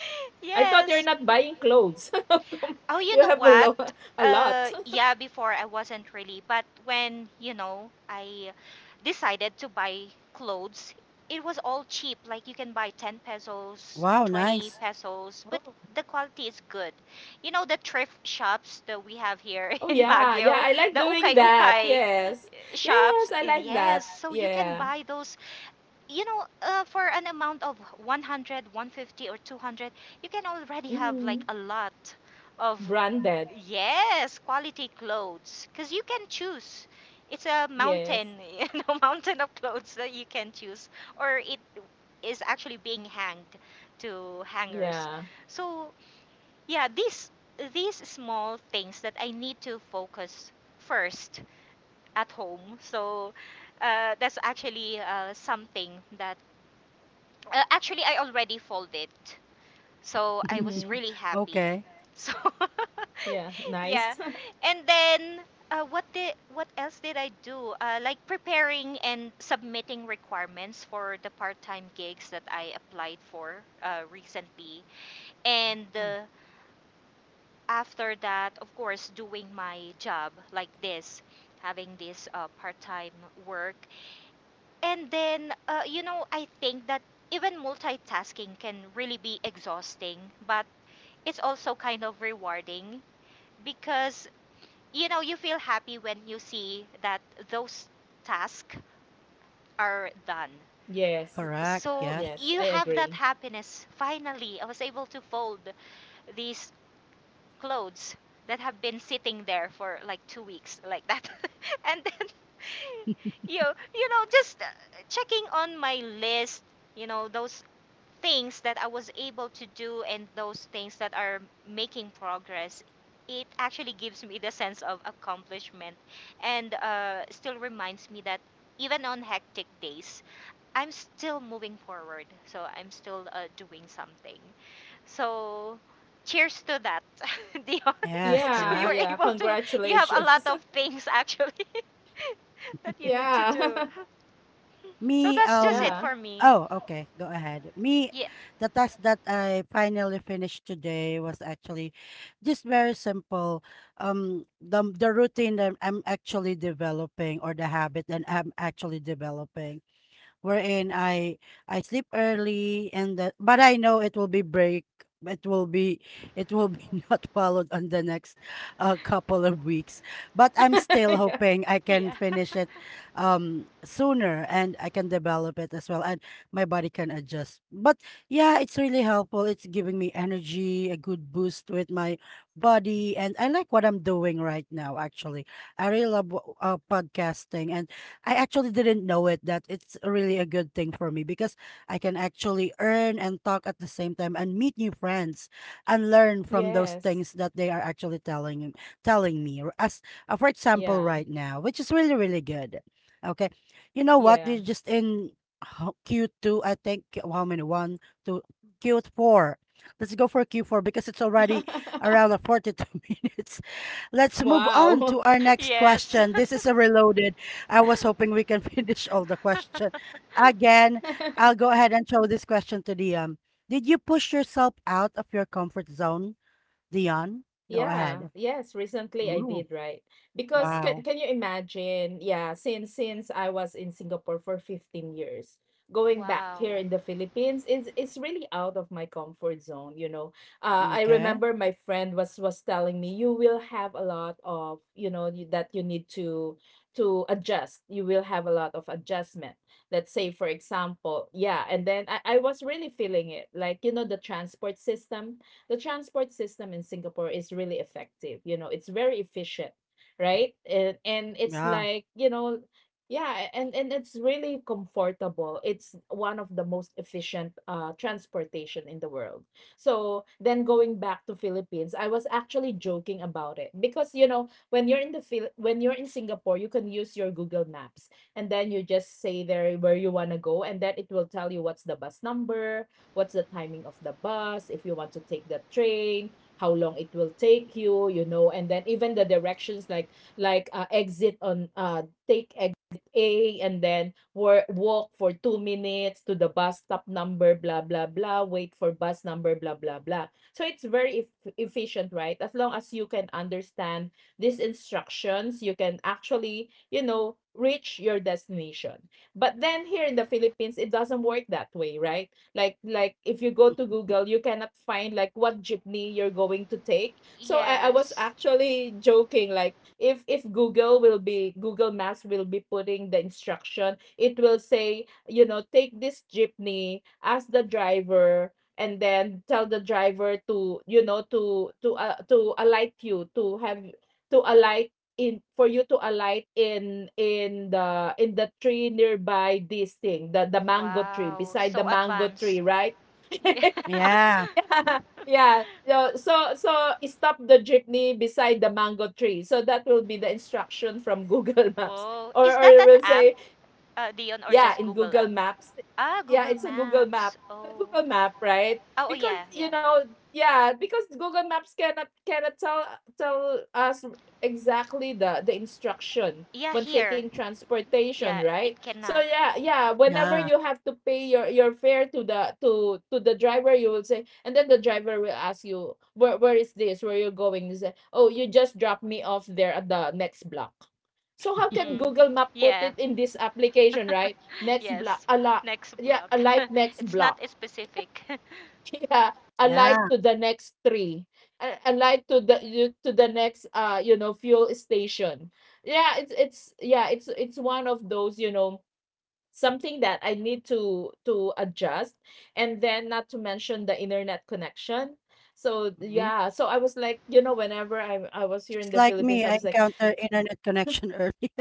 Speaker 1: I thought you're
Speaker 2: yes.
Speaker 1: not buying clothes. How come
Speaker 2: Oh, you
Speaker 1: you
Speaker 2: know
Speaker 1: have a
Speaker 2: what?
Speaker 1: lot, a lot.
Speaker 2: Yeah, before I wasn't really, but when, I decided to buy clothes, it was all cheap. Like you can buy 10 pesos,
Speaker 3: Wow,
Speaker 2: 20
Speaker 3: nice.
Speaker 2: pesos, but
Speaker 1: Oh.
Speaker 2: the quality is good. You know, the thrift shops that we have here
Speaker 1: Oh
Speaker 2: in
Speaker 1: yeah, yeah,
Speaker 2: Baguio,
Speaker 1: I like
Speaker 2: the
Speaker 1: doing
Speaker 2: ukay
Speaker 1: that.
Speaker 2: ukay
Speaker 1: Yes.
Speaker 2: shops.
Speaker 1: Yes, I like that.
Speaker 2: Yes, so you
Speaker 1: Yeah.
Speaker 2: can buy those, for an amount of 100, 150, or 200, you can already have like
Speaker 1: Mhm.
Speaker 2: a lot of,
Speaker 1: Branded.
Speaker 2: yes, quality clothes because you can choose. It's a
Speaker 1: Yes.
Speaker 2: mountain, mountain of clothes that you can choose, or it is actually being hanged to hangers.
Speaker 1: Yeah.
Speaker 2: So yeah, these small things that I need to focus first at home. So that's actually something that actually I already folded. So I was
Speaker 1: Mhm.
Speaker 2: really happy.
Speaker 3: Okay,
Speaker 2: So
Speaker 1: Yeah, nice.
Speaker 2: yeah. And then what else did I do? Like preparing and submitting requirements for the part-time gigs that I applied for recently. And after that, of course, doing my job like this, having this part-time work. And then I think that even multitasking can really be exhausting, but it's also kind of rewarding because you feel happy when you see that those tasks are done.
Speaker 1: Yes.
Speaker 3: correct.
Speaker 2: So
Speaker 3: Yes.
Speaker 1: Yes, I
Speaker 2: you have that
Speaker 1: agree.
Speaker 2: happiness. Finally, I was able to fold these clothes that have been sitting there for like 2 weeks, like that. And then you just checking on my list, those things that I was able to do and those things that are making progress. It actually gives me the sense of accomplishment and still reminds me that even on hectic days, I'm still moving forward. So I'm still doing something. So cheers to that, Dion.
Speaker 3: Yes,
Speaker 2: So
Speaker 1: Yeah,
Speaker 2: you're
Speaker 3: correct.
Speaker 1: yeah.
Speaker 2: able to, you have a lot
Speaker 1: Congratulations.
Speaker 2: of things actually that you need to
Speaker 1: Yeah.
Speaker 2: do. So
Speaker 3: Me,
Speaker 2: that's just it
Speaker 1: Yeah.
Speaker 2: for me.
Speaker 3: oh, okay, go ahead. Me,
Speaker 2: Yeah.
Speaker 3: the task that I finally finished today was actually just very simple. The routine that I'm actually developing, or the habit that I'm actually developing, wherein I sleep early, and that, but I know it will be break, it will be it will be not followed on the next, couple of weeks, but I'm still
Speaker 1: Yeah.
Speaker 3: hoping I can
Speaker 2: Yeah.
Speaker 3: finish it sooner, and I can develop it as well, and my body can adjust. But yeah, it's really helpful, it's giving me energy, a good boost with my body, and I like what I'm doing right now. Actually, I really love podcasting, and I actually didn't know it, that it's really a good thing for me, because I can actually earn and talk at the same time, and meet new friends, and learn from those things
Speaker 1: Yes.
Speaker 3: that they are actually telling me, or as, for example, right
Speaker 1: Yeah.
Speaker 3: now, which is really really good. Okay. You know what? We're
Speaker 1: Yeah.
Speaker 3: just in Q2, I think. How many? One, two, Q4. Let's go for Q4 because it's already around, 42 minutes. Let's move on
Speaker 1: Wow.
Speaker 3: to our next
Speaker 2: Yes.
Speaker 3: question. This is a reloaded. I was hoping we can finish all the question. Again, I'll go ahead and throw this question to Dion. Did you push yourself out of your comfort zone, Dion? Go
Speaker 1: Yeah,
Speaker 3: ahead.
Speaker 1: yes, recently I
Speaker 3: Ooh,
Speaker 1: did, right? Because can
Speaker 3: wow.
Speaker 1: can you imagine? Yeah, since I was in Singapore for 15 years, going back here
Speaker 2: Wow.
Speaker 1: in the Philippines is it's really out of my comfort zone, you know. I
Speaker 3: Okay.
Speaker 1: remember my friend was telling me you will have a lot of, you know, you, that you need to adjust. You will have a lot of adjustment. Let's say for example, yeah, and then I was really feeling it. Like, you know, the transport system in Singapore is really effective. You know, it's very efficient, right? And it's
Speaker 3: Yeah.
Speaker 1: like, you know, yeah, and it's really comfortable. It's one of the most efficient transportation in the world. So then going back to Philippines, I was actually joking about it because, you know, when you're in the when you're in Singapore, you can use your Google Maps, and then you just say there where you want to go, and then it will tell you what's the bus number, what's the timing of the bus, if you want to take the train, how long it will take you, you know, and then even the directions like exit on take exit A and then walk for 2 minutes to the bus stop number, blah blah blah, wait for bus number, blah blah blah. So it's very efficient, right? As long as you can understand these instructions, you can actually, you know, reach your destination. But then here in the Philippines, it doesn't work that way, right? Like if you go to Google, you cannot find like what jeepney you're going to take. So I was
Speaker 2: Yes.
Speaker 1: actually joking, like if Google will be Google Maps will be putting the instruction, it will say, you know, take this jeepney, ask the driver, and then tell the driver to, you know, to alight you, to alight in for you to alight in the tree nearby this thing, the mango tree,
Speaker 2: Wow.
Speaker 1: beside the
Speaker 2: So
Speaker 1: mango
Speaker 2: advanced.
Speaker 1: tree, right?
Speaker 2: Yeah.
Speaker 3: Yeah.
Speaker 1: Yeah. So stop the jeepney beside the mango tree. So that will be the instruction from Google Maps.
Speaker 2: Oh, is
Speaker 1: Or
Speaker 2: that
Speaker 1: it
Speaker 2: an
Speaker 1: will
Speaker 2: app,
Speaker 1: say
Speaker 2: Dion, or
Speaker 1: yeah,
Speaker 2: just
Speaker 1: in
Speaker 2: Google
Speaker 1: Google
Speaker 2: app?
Speaker 1: Maps.
Speaker 2: Ah,
Speaker 1: Yeah,
Speaker 2: Google
Speaker 1: it's a Google Map.
Speaker 2: Maps.
Speaker 1: A
Speaker 2: Oh.
Speaker 1: Google Map, right?
Speaker 2: Oh, oh,
Speaker 1: Because,
Speaker 2: yeah, yeah.
Speaker 1: you know, yeah, because Google Maps cannot tell us exactly the instruction
Speaker 2: Yeah,
Speaker 1: when
Speaker 2: here.
Speaker 1: taking transportation,
Speaker 2: Yeah, it
Speaker 1: right? So
Speaker 2: cannot.
Speaker 1: yeah, yeah, whenever
Speaker 3: Yeah.
Speaker 1: you have to pay your fare to the to the driver, you will say, and then the driver will ask you, "Where is this? Where you going?" You say, "Oh, you just dropped me off there at the next block." So how can
Speaker 2: Mm.
Speaker 1: Google Map put
Speaker 2: Yeah.
Speaker 1: it in this application, right? Next block,
Speaker 2: Yes.
Speaker 1: a lot,
Speaker 2: Next
Speaker 1: yeah,
Speaker 2: block.
Speaker 1: a light next
Speaker 2: It's not
Speaker 1: block,
Speaker 2: specific.
Speaker 1: yeah, a light
Speaker 3: Yeah.
Speaker 1: to the next tree, a light to the to the next, you know, fuel station. Yeah, it's one of those, you know, something that I need to adjust, and then not to mention the internet connection. So
Speaker 3: Mhm.
Speaker 1: yeah, so I was like, you know, whenever I was here in
Speaker 3: Just
Speaker 1: the
Speaker 3: like
Speaker 1: Philippines,
Speaker 3: me,
Speaker 1: I
Speaker 3: I
Speaker 1: was like.
Speaker 3: encountered internet connection early.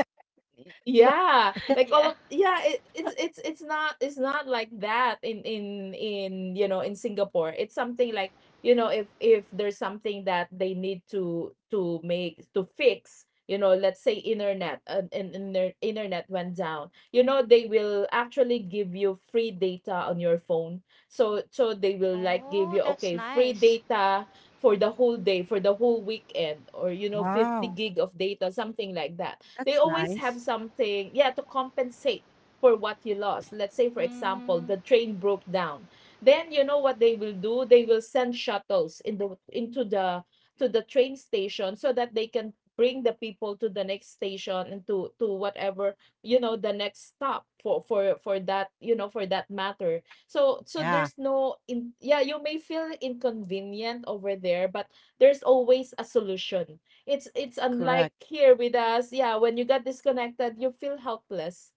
Speaker 1: Yeah, like all
Speaker 2: Yeah.
Speaker 1: of yeah it's not, it's not like that in you know, in Singapore. It's something like, you know, if there's something that they need to fix, you know, let's say internet and internet went down, you know, they will actually give you free data on your phone. So they will like give
Speaker 2: Oh,
Speaker 1: you,
Speaker 2: that's
Speaker 1: okay, free
Speaker 2: nice.
Speaker 1: data for the whole day, for the whole weekend, or you know, 50
Speaker 3: Wow,
Speaker 1: gig of data, something like that. They
Speaker 3: that's
Speaker 1: always have
Speaker 3: nice.
Speaker 1: something, yeah, to compensate for what you lost. Let's say, for example,
Speaker 2: Mm.
Speaker 1: the train broke down. Then you know what they will do? They will send shuttles in the into the to the train station so that they can bring the people to the next station and to whatever, you know, the next stop, for that, you know, for that matter. So
Speaker 3: Yeah,
Speaker 1: there's no, in yeah, you may feel inconvenient over there, but there's always a solution. It's unlike
Speaker 3: correct.
Speaker 1: here with us. Yeah, when you got disconnected, you feel helpless,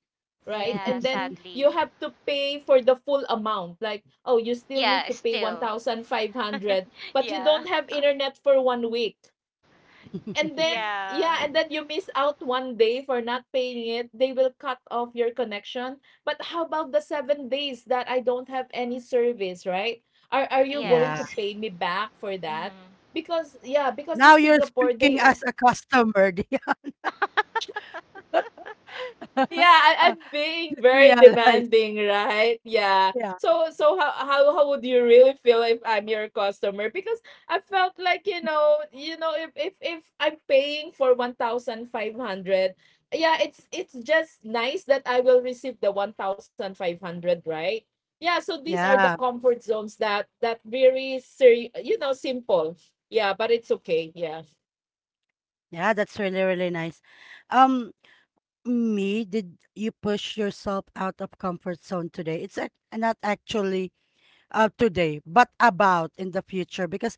Speaker 1: right?
Speaker 2: Yeah,
Speaker 1: And then you
Speaker 2: sadly.
Speaker 1: have to pay for the full amount. Like, oh, you still need
Speaker 2: Yeah,
Speaker 1: to pay
Speaker 2: still.
Speaker 1: 1,500, but you don't
Speaker 2: Yeah.
Speaker 1: have internet for 1 week. And then yeah,
Speaker 2: Yeah.
Speaker 1: and then you miss out 1 day for not paying it. They will cut off your connection. But how about the 7 days that I don't have any service, right? Are you going
Speaker 3: Yeah.
Speaker 1: to
Speaker 2: Yes.
Speaker 1: pay me back for that?
Speaker 2: Mhm.
Speaker 1: Because yeah, because in
Speaker 3: Now you're
Speaker 1: Singapore
Speaker 3: speaking
Speaker 1: they.
Speaker 3: as a customer. Yeah.
Speaker 1: Yeah, I,
Speaker 3: Uh,
Speaker 1: I'm being very
Speaker 3: Realize.
Speaker 1: demanding, right? Yeah.
Speaker 3: Yeah.
Speaker 1: So how, how would you really feel if I'm your customer? Because I felt like, you know, if I'm paying for 1,500, yeah, it's just nice that I will receive the 1,500, right? Yeah. So these are the
Speaker 3: Yeah.
Speaker 1: comfort zones that very you know, simple. Yeah, but it's okay. Yeah.
Speaker 3: Yeah, that's really, really nice. Um, me, did you push yourself out of comfort zone today? It's not actually today, but about in the future. Because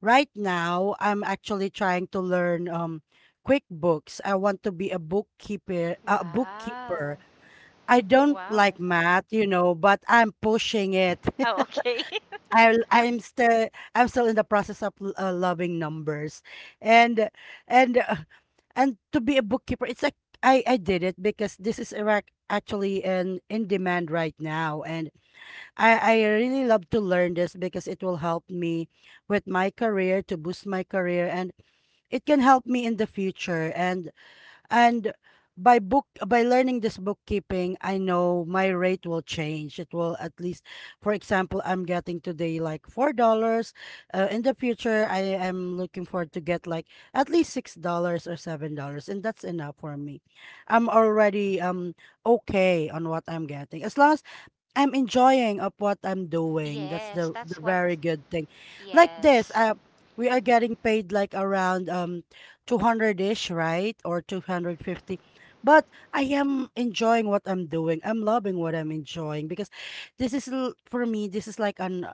Speaker 3: right now, I'm actually trying to learn, QuickBooks. I want to be a bookkeeper. A bookkeeper.
Speaker 2: Wow.
Speaker 3: I don't
Speaker 2: Wow.
Speaker 3: like math, but I'm pushing it.
Speaker 2: Oh, okay.
Speaker 3: I I'm still I'm still in the process of loving numbers, and and uh, and to be a bookkeeper, it's like I did it because this is Iraq actually an in demand right now, and I really love to learn this because it will help me with my career to boost my career, and it can help me in the future, and by learning this bookkeeping, I know my rate will change. It will at least, for example, I'm getting today like $4. In the future, I am looking forward to get like at least $6 or $7, and that's enough for me. I'm already, okay on what I'm getting, as long as I'm enjoying of what I'm doing. That's
Speaker 2: Yes,
Speaker 3: the
Speaker 2: that's what.
Speaker 3: very good thing. Like this,
Speaker 2: Yes.
Speaker 3: we are getting paid like around 200-ish, right? Or 250. But I am enjoying what I'm doing. I'm loving what I'm enjoying because for me, this is like an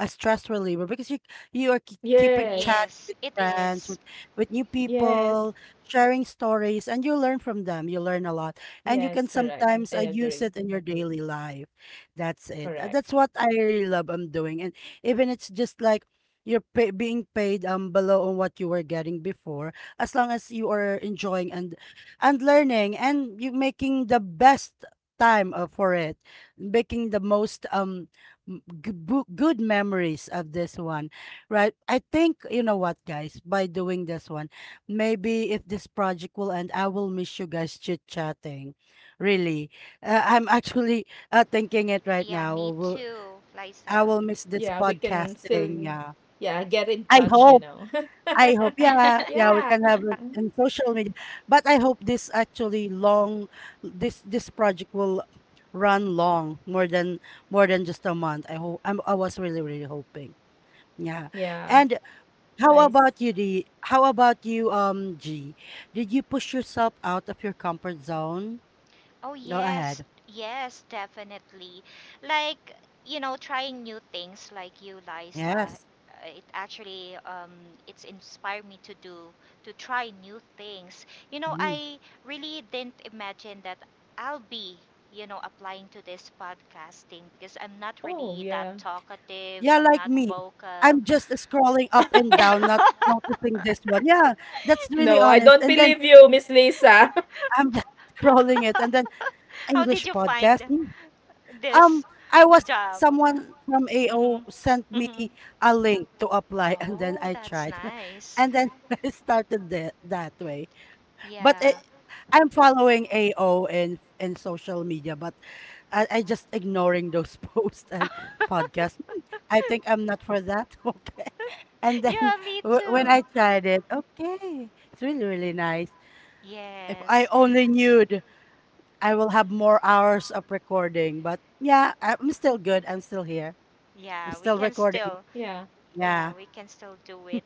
Speaker 3: a stress reliever, because you are keeping
Speaker 1: Yes.
Speaker 3: chatting
Speaker 2: Yes,
Speaker 3: with
Speaker 2: it
Speaker 3: friends,
Speaker 2: is.
Speaker 3: with new people,
Speaker 1: Yes.
Speaker 3: sharing stories, and you learn from them, you learn a lot, and you can
Speaker 1: Yes. Correct.
Speaker 3: sometimes
Speaker 1: Eh,
Speaker 3: use it in your daily life. That's it.
Speaker 1: correct.
Speaker 3: That's what I really love I'm doing, and even it's just like you're being paid below on what you were getting before, as long as you are enjoying and learning, and you making the best time, for it, making the most, good memories of this one, right? I think, you know what, guys, by doing this one, maybe if this project will end, I will miss you guys chit chatting. Really. I'm actually thinking it right
Speaker 2: Yeah,
Speaker 3: now.
Speaker 2: me
Speaker 3: Will
Speaker 2: too,
Speaker 3: I
Speaker 2: Liza.
Speaker 3: will miss this
Speaker 1: Yeah, we can still,
Speaker 3: podcasting. Yeah.
Speaker 1: yeah, get in
Speaker 3: I
Speaker 1: touch,
Speaker 3: hope.
Speaker 1: you know.
Speaker 3: I hope, yeah, yeah, we
Speaker 1: Yeah.
Speaker 3: can have it
Speaker 1: Mm,
Speaker 3: in social media. But I hope this actually long, this project will run long, more than just a month. I hope I was really really hoping. Yeah.
Speaker 1: yeah,
Speaker 3: And how
Speaker 1: nice.
Speaker 3: about you, D? How about you, G? Did you push yourself out of your comfort zone?
Speaker 2: Oh,
Speaker 3: Go
Speaker 2: yes.
Speaker 3: ahead.
Speaker 2: Yes, definitely. Like, trying new things like you, Liza,
Speaker 3: Yes.
Speaker 2: it's inspired me to try new things.
Speaker 3: Hmm.
Speaker 2: I really didn't imagine that I'll be, applying to this podcasting because I'm not
Speaker 1: Oh,
Speaker 2: really that
Speaker 1: yeah.
Speaker 2: talkative,
Speaker 3: Yeah,
Speaker 2: I'm
Speaker 3: like
Speaker 2: not
Speaker 3: me.
Speaker 2: vocal.
Speaker 3: I'm just scrolling up and down, not noticing this one. Yeah, that's really
Speaker 1: No, I
Speaker 3: honest.
Speaker 1: don't
Speaker 3: And then
Speaker 1: believe you, Miss Lisa.
Speaker 3: I'm just scrolling it and then
Speaker 2: How did
Speaker 3: English
Speaker 2: you find
Speaker 3: podcast. Hmm.
Speaker 2: this
Speaker 3: Um, I was
Speaker 2: job?
Speaker 3: Someone from
Speaker 2: Hmm.
Speaker 3: AO sent me a link to apply and then
Speaker 2: Oh,
Speaker 3: I
Speaker 2: that's
Speaker 3: tried.
Speaker 2: nice.
Speaker 3: And then I started that that way. But
Speaker 2: Yeah.
Speaker 3: I'm following AO in social media, but I just ignoring those posts and podcasts. I think I'm not for that. Okay. And then
Speaker 2: Yeah, me
Speaker 3: when I
Speaker 2: too.
Speaker 3: tried it, okay, it's really, really nice. If I
Speaker 2: Yes.
Speaker 3: only knew. I will have more hours of recording. But yeah, I'm still good. I'm still here. I'm
Speaker 2: Yeah, we
Speaker 3: still
Speaker 2: can
Speaker 3: recording.
Speaker 2: still,
Speaker 1: Yeah.
Speaker 2: yeah,
Speaker 3: Yeah.
Speaker 2: we can still do it.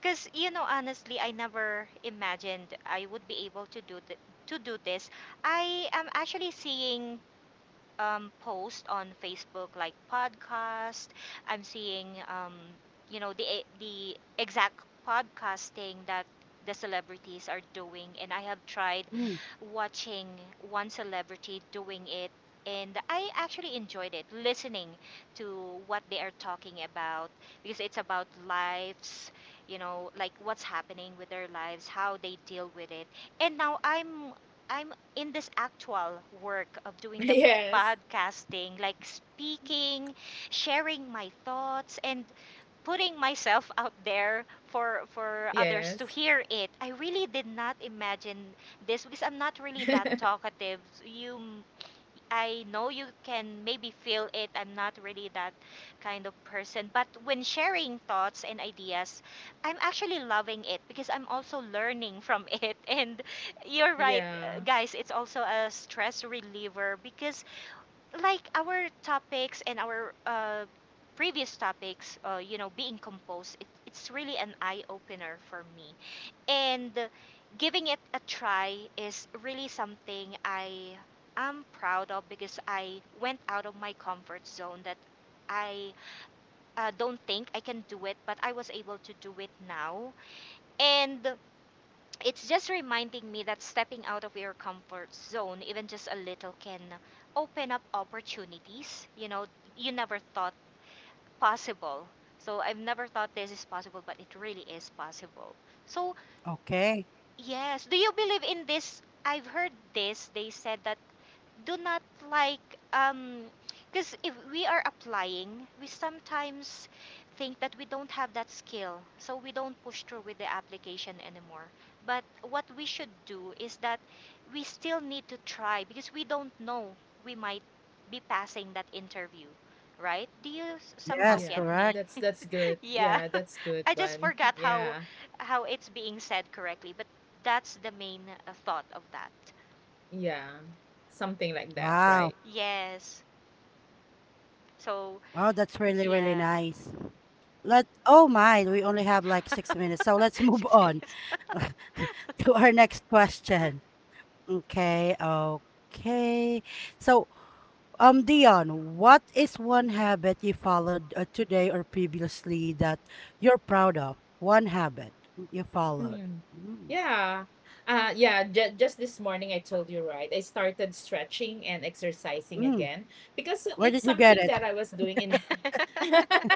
Speaker 2: Because, honestly, I never imagined I would be able to do th to do this. I am actually seeing post on Facebook, like podcast. I'm seeing, the exact podcasting that the celebrities are doing, and I have tried
Speaker 3: Mm,
Speaker 2: watching one celebrity doing it, and I actually enjoyed it, listening to what they are talking about because it's about lives, you know, like what's happening with their lives, how they deal with it, and now I'm in this actual work of doing the
Speaker 1: Yes.
Speaker 2: podcasting, like speaking, sharing my thoughts, and putting myself out there for others
Speaker 1: Yes.
Speaker 2: to hear it. I really did not imagine this because I'm not really that talkative. You I know you can maybe feel it. I'm not really that kind of person, but when sharing thoughts and ideas, I'm actually loving it because I'm also learning from it. And you're right,
Speaker 1: Yeah.
Speaker 2: guys, it's also a stress reliever because like our topics and our previous topics, being composed, it's really an eye opener for me. And giving it a try is really something I am proud of because I went out of my comfort zone that I don't think I can do it, but I was able to do it now. And it's just reminding me that stepping out of your comfort zone, even just a little, can open up opportunities, you never thought possible. So I've never thought this is possible, but it really is possible. So,
Speaker 3: okay.
Speaker 2: yes, do you believe in this? I've heard this. They said that, do not like, because if we are applying we sometimes think that we don't have that skill, so we don't push through with the application anymore. But what we should do is that we still need to try, because we don't know, we might be passing that interview, right? Do you somehow
Speaker 3: Yes,
Speaker 2: get
Speaker 1: Yeah.
Speaker 2: me?
Speaker 3: correct.
Speaker 1: That's good.
Speaker 2: Yeah.
Speaker 1: Yeah, that's
Speaker 2: I
Speaker 1: good
Speaker 2: just
Speaker 1: one.
Speaker 2: forgot how
Speaker 1: Yeah.
Speaker 2: how it's being said correctly, but that's the main thought of that.
Speaker 1: Yeah. Something like that,
Speaker 3: Wow.
Speaker 1: right?
Speaker 2: Yes. So
Speaker 3: Oh, that's really, really
Speaker 2: yeah.
Speaker 3: nice. Let Oh my, we only have like 6 minutes. So let's move
Speaker 2: Six
Speaker 3: on
Speaker 2: minutes.
Speaker 3: to our next question. Okay, okay. So, Dion, what is one habit you followed, today or previously, that you're proud of? One habit you
Speaker 1: Mm.
Speaker 3: followed. Mm,
Speaker 1: Yeah. Yeah, just this morning I told you, right? I started stretching and exercising
Speaker 3: mm.
Speaker 1: again because
Speaker 3: Where
Speaker 1: it's
Speaker 3: did you get
Speaker 1: something
Speaker 3: it?
Speaker 1: that I was doing in.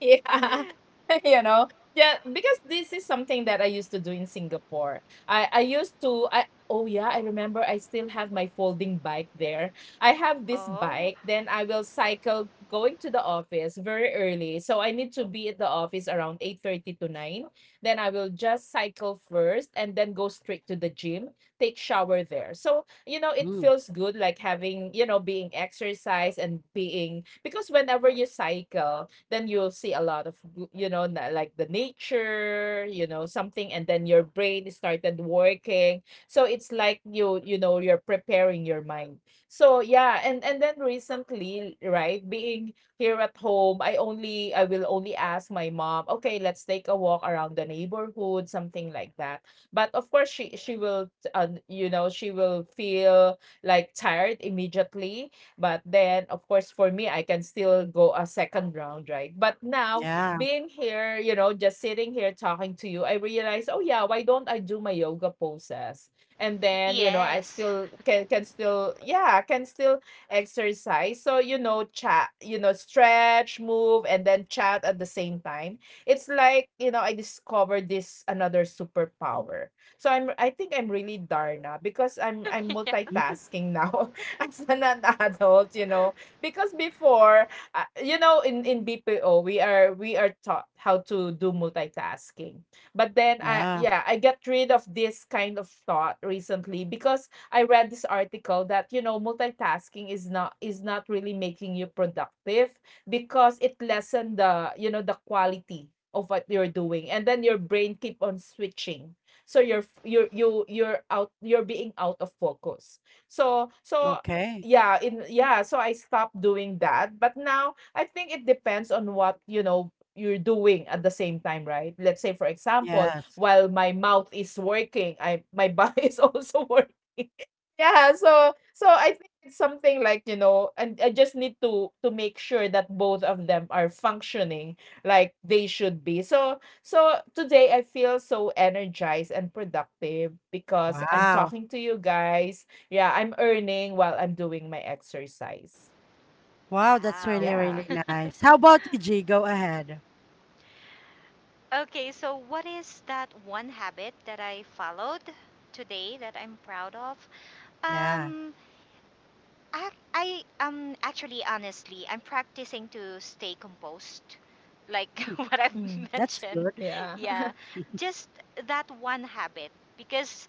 Speaker 1: Yeah, you know, yeah, because this is something that I used to do in Singapore. I used to I oh yeah, I remember I still have my folding bike there. I have this
Speaker 2: Oh,
Speaker 1: bike, then I will cycle going to the office very early. So I need to be at the office around 8:30 to 9. Then I will just cycle first and then go straight to the gym, take shower there. So, you know, it
Speaker 3: Mm,
Speaker 1: feels good like having, you know, being exercise and being, because whenever you cycle, then you'll see a lot of, you know, like the nature, you know, something, and then your brain started working. So it's like you know, you're preparing your mind. So yeah, and then recently, right, being here at home, I will only ask my mom, okay, let's take a walk around the neighborhood, something like that. But of course, she will you know, she will feel like tired immediately. But then, of course, for me, I can still go a second round, right? But now,
Speaker 3: yeah,
Speaker 1: being here, you know, just sitting here talking to you, I realize, oh yeah, why don't I do my yoga poses? And then, you know, I
Speaker 2: yes.
Speaker 1: still can still, yeah, can still exercise. So, you know, chat, you know, stretch, move, and then chat at the same time. It's like, you know, I discovered this another superpower. So I think I'm really Darna because I'm
Speaker 2: Yeah.
Speaker 3: mm,
Speaker 1: multitasking now. As an adult, you know, because before, you know, in BPO, we are taught how to do multitasking. But then I,
Speaker 3: yeah.
Speaker 1: yeah, I got rid of this kind of thought recently because I read this article that, you know, multitasking is not really making you productive because it lessen the, you know, the quality of what you're doing, and then your brain keep on switching, so you're you're out, you're being out of focus. So
Speaker 3: Okay.
Speaker 1: yeah, in yeah, so I stopped doing that. But now I think it depends on what, you know, you're doing at the same time, right? Let's say, for example,
Speaker 3: Yes.
Speaker 1: while my mouth is working, I my body is also working. Yeah, so I think it's something like, you know, and I just need to make sure that both of them are functioning like they should be. So today I feel so energized and productive because I'm
Speaker 3: Wow.
Speaker 1: talking to you guys. Yeah, I'm earning while I'm doing my exercise.
Speaker 3: Wow, that's really,
Speaker 2: Wow.
Speaker 3: really
Speaker 1: Yeah.
Speaker 3: nice. How about you, G? Go ahead.
Speaker 2: Okay, so what is that one habit that I followed today that I'm proud of?
Speaker 3: Yeah.
Speaker 2: Um, I actually honestly, I'm practicing to stay composed. Like
Speaker 3: Mm,
Speaker 2: what
Speaker 1: Mhm.
Speaker 2: I've
Speaker 3: that's
Speaker 2: mentioned.
Speaker 3: good.
Speaker 1: Yeah.
Speaker 2: Yeah. Just that one habit because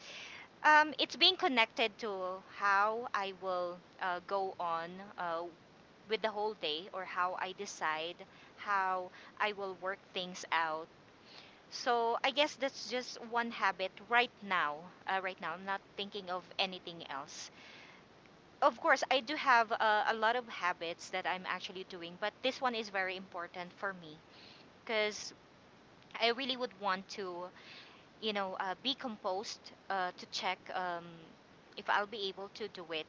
Speaker 2: It's being connected to how I will go on uh, with the whole day or how I decide how I will work things out. So I guess that's just one habit right now. Right now, I'm not thinking of anything else. Of course, I do have a lot of habits that I'm actually doing, but this one is very important for me because I really would want to, be composed to check, if I'll be able to do it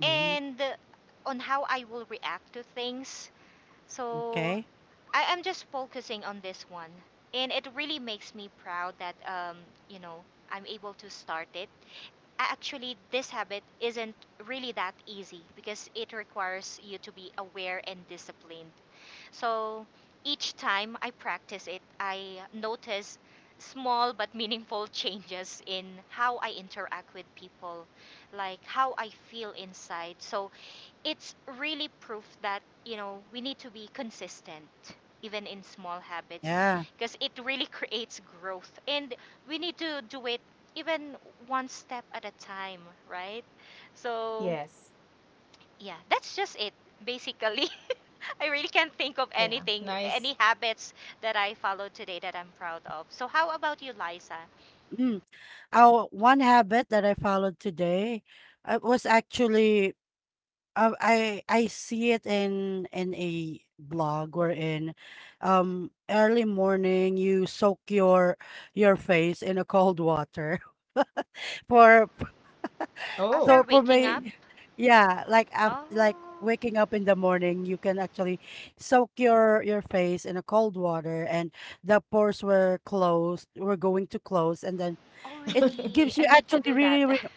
Speaker 3: Mhm,
Speaker 2: and on how I will react to things. So
Speaker 3: okay.
Speaker 2: I am just focusing on this one, and it really makes me proud that you know I'm able to start it. Actually, this habit isn't really that easy because it requires you to be aware and disciplined. So each time I practice it, I notice small but meaningful changes in how I interact with people, like how I feel inside. So it's really proof that we need to be consistent even in small habits
Speaker 3: Yeah.
Speaker 2: because it really creates growth, and we need to do it even one step at a time, right? So
Speaker 1: Yes.
Speaker 2: yeah, that's just it basically. I really can't think of anything,
Speaker 1: Yeah.
Speaker 2: any
Speaker 1: Nice.
Speaker 3: Eh,
Speaker 2: habits that I follow today that I'm proud of. So how about you, Liza?
Speaker 3: Mm. Oh, one habit that I followed today, was actually, I see it in a blog or in, early morning you soak your face in a cold water for—
Speaker 1: Oh,
Speaker 2: After
Speaker 3: So for
Speaker 2: waking up.
Speaker 3: me, yeah, like af like
Speaker 2: Oh,
Speaker 3: waking up in the morning, you can actually soak your face in a cold water, and the pores were closed, were going to close, and then
Speaker 2: oh, really,
Speaker 3: it gives you
Speaker 2: I need to
Speaker 3: actually
Speaker 2: do that.
Speaker 3: really, really,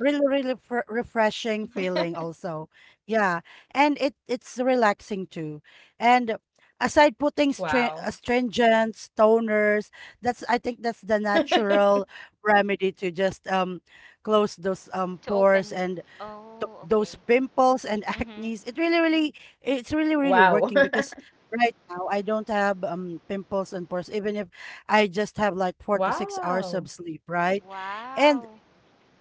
Speaker 3: really, really fr refreshing feeling also. Yeah, and it's relaxing too. And aside putting stra
Speaker 1: wow.
Speaker 3: astringents, toners, that's I think that's the natural remedy to just close those
Speaker 2: To open.
Speaker 3: pores and
Speaker 2: Oh, okay.
Speaker 3: those pimples and
Speaker 2: Mm-hmm.
Speaker 3: acne's. It really, really, it's really, really
Speaker 1: Wow.
Speaker 3: working because right now I don't have pimples and pores, even if I just have like 4 to 6 hours
Speaker 1: Wow.
Speaker 3: of sleep, right? And
Speaker 2: Wow.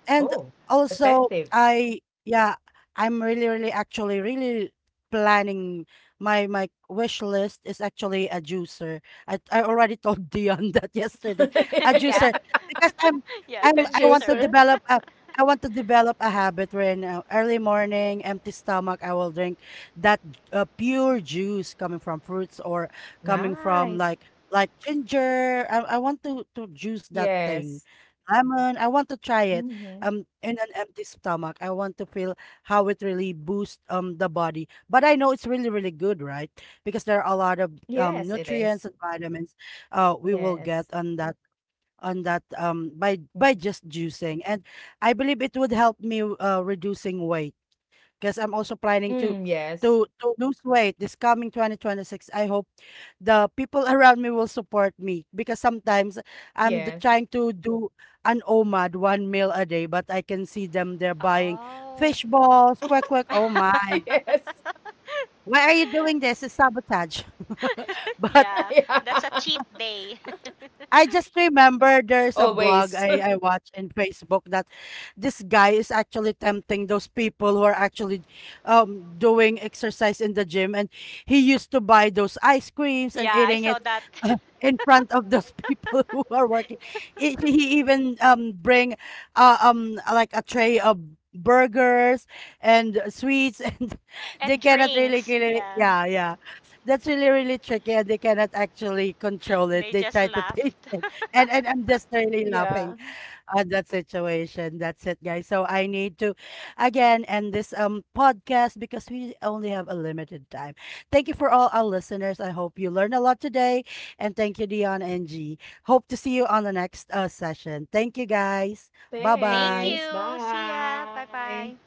Speaker 3: and
Speaker 1: Oh,
Speaker 3: also,
Speaker 1: effective.
Speaker 3: I yeah, I'm really, really, actually, really planning, my wish list is actually a juicer. I already told Dion that yesterday. A
Speaker 2: Yeah,
Speaker 3: juicer because
Speaker 2: yeah, the
Speaker 3: I'm I want to
Speaker 2: juicer.
Speaker 1: Juicer.
Speaker 3: develop a I want to develop a habit where in, early morning, empty stomach, I will drink that, pure juice coming from fruits or coming from
Speaker 1: Nice.
Speaker 3: like ginger. I want to juice that thing,
Speaker 1: Yes.
Speaker 3: lemon. I want to try it
Speaker 1: Hmm.
Speaker 3: in an empty stomach. I want to feel how it really boosts, the body. But I know it's really really good, right? Because there are a lot of
Speaker 1: Yes, it is.
Speaker 3: nutrients and vitamins we will get
Speaker 1: Yes.
Speaker 3: on that, by just juicing. And I believe it would help me reducing weight, because I'm also planning to
Speaker 1: Mm, yes.
Speaker 3: to to lose weight this coming 2026. I hope the people around me will support me, because sometimes
Speaker 1: Yes.
Speaker 3: trying to do an OMAD, one meal a day, but I can see them, they're buying
Speaker 2: Oh.
Speaker 3: fish balls, quack quack. Oh my.
Speaker 1: Yes.
Speaker 3: Why are you doing this? It's sabotage. But
Speaker 2: Yeah,
Speaker 1: Yeah.
Speaker 2: that's a cheat day.
Speaker 3: I just remember there's a
Speaker 1: Always.
Speaker 3: blog I watch in Facebook, that this guy is actually tempting those people who are actually doing exercise in the gym, and he used to buy those ice creams and
Speaker 2: Yeah, I
Speaker 3: eating
Speaker 2: saw
Speaker 3: it
Speaker 2: that.
Speaker 3: in front of those people who are working. He even, bring, like a tray of burgers and sweets, and they
Speaker 2: And
Speaker 3: cannot really,
Speaker 2: drinks.
Speaker 3: really—
Speaker 2: Yeah,
Speaker 3: yeah, yeah, that's really really tricky, and they cannot actually control it,
Speaker 2: they
Speaker 3: they
Speaker 2: just
Speaker 3: try to taste
Speaker 2: laughed.
Speaker 3: it, and I'm just really laughing
Speaker 1: Yeah.
Speaker 3: at that situation. That's it, guys. So I need to again end this, podcast, because we only have a limited time. Thank you for all our listeners. I hope you learned a lot today. And thank you, Dion and G. Hope to see you on the next, session. Thank you, guys. Bye
Speaker 2: Thank
Speaker 3: bye.
Speaker 1: Thanks.
Speaker 2: you. See ya. Bye bye.
Speaker 1: Bye.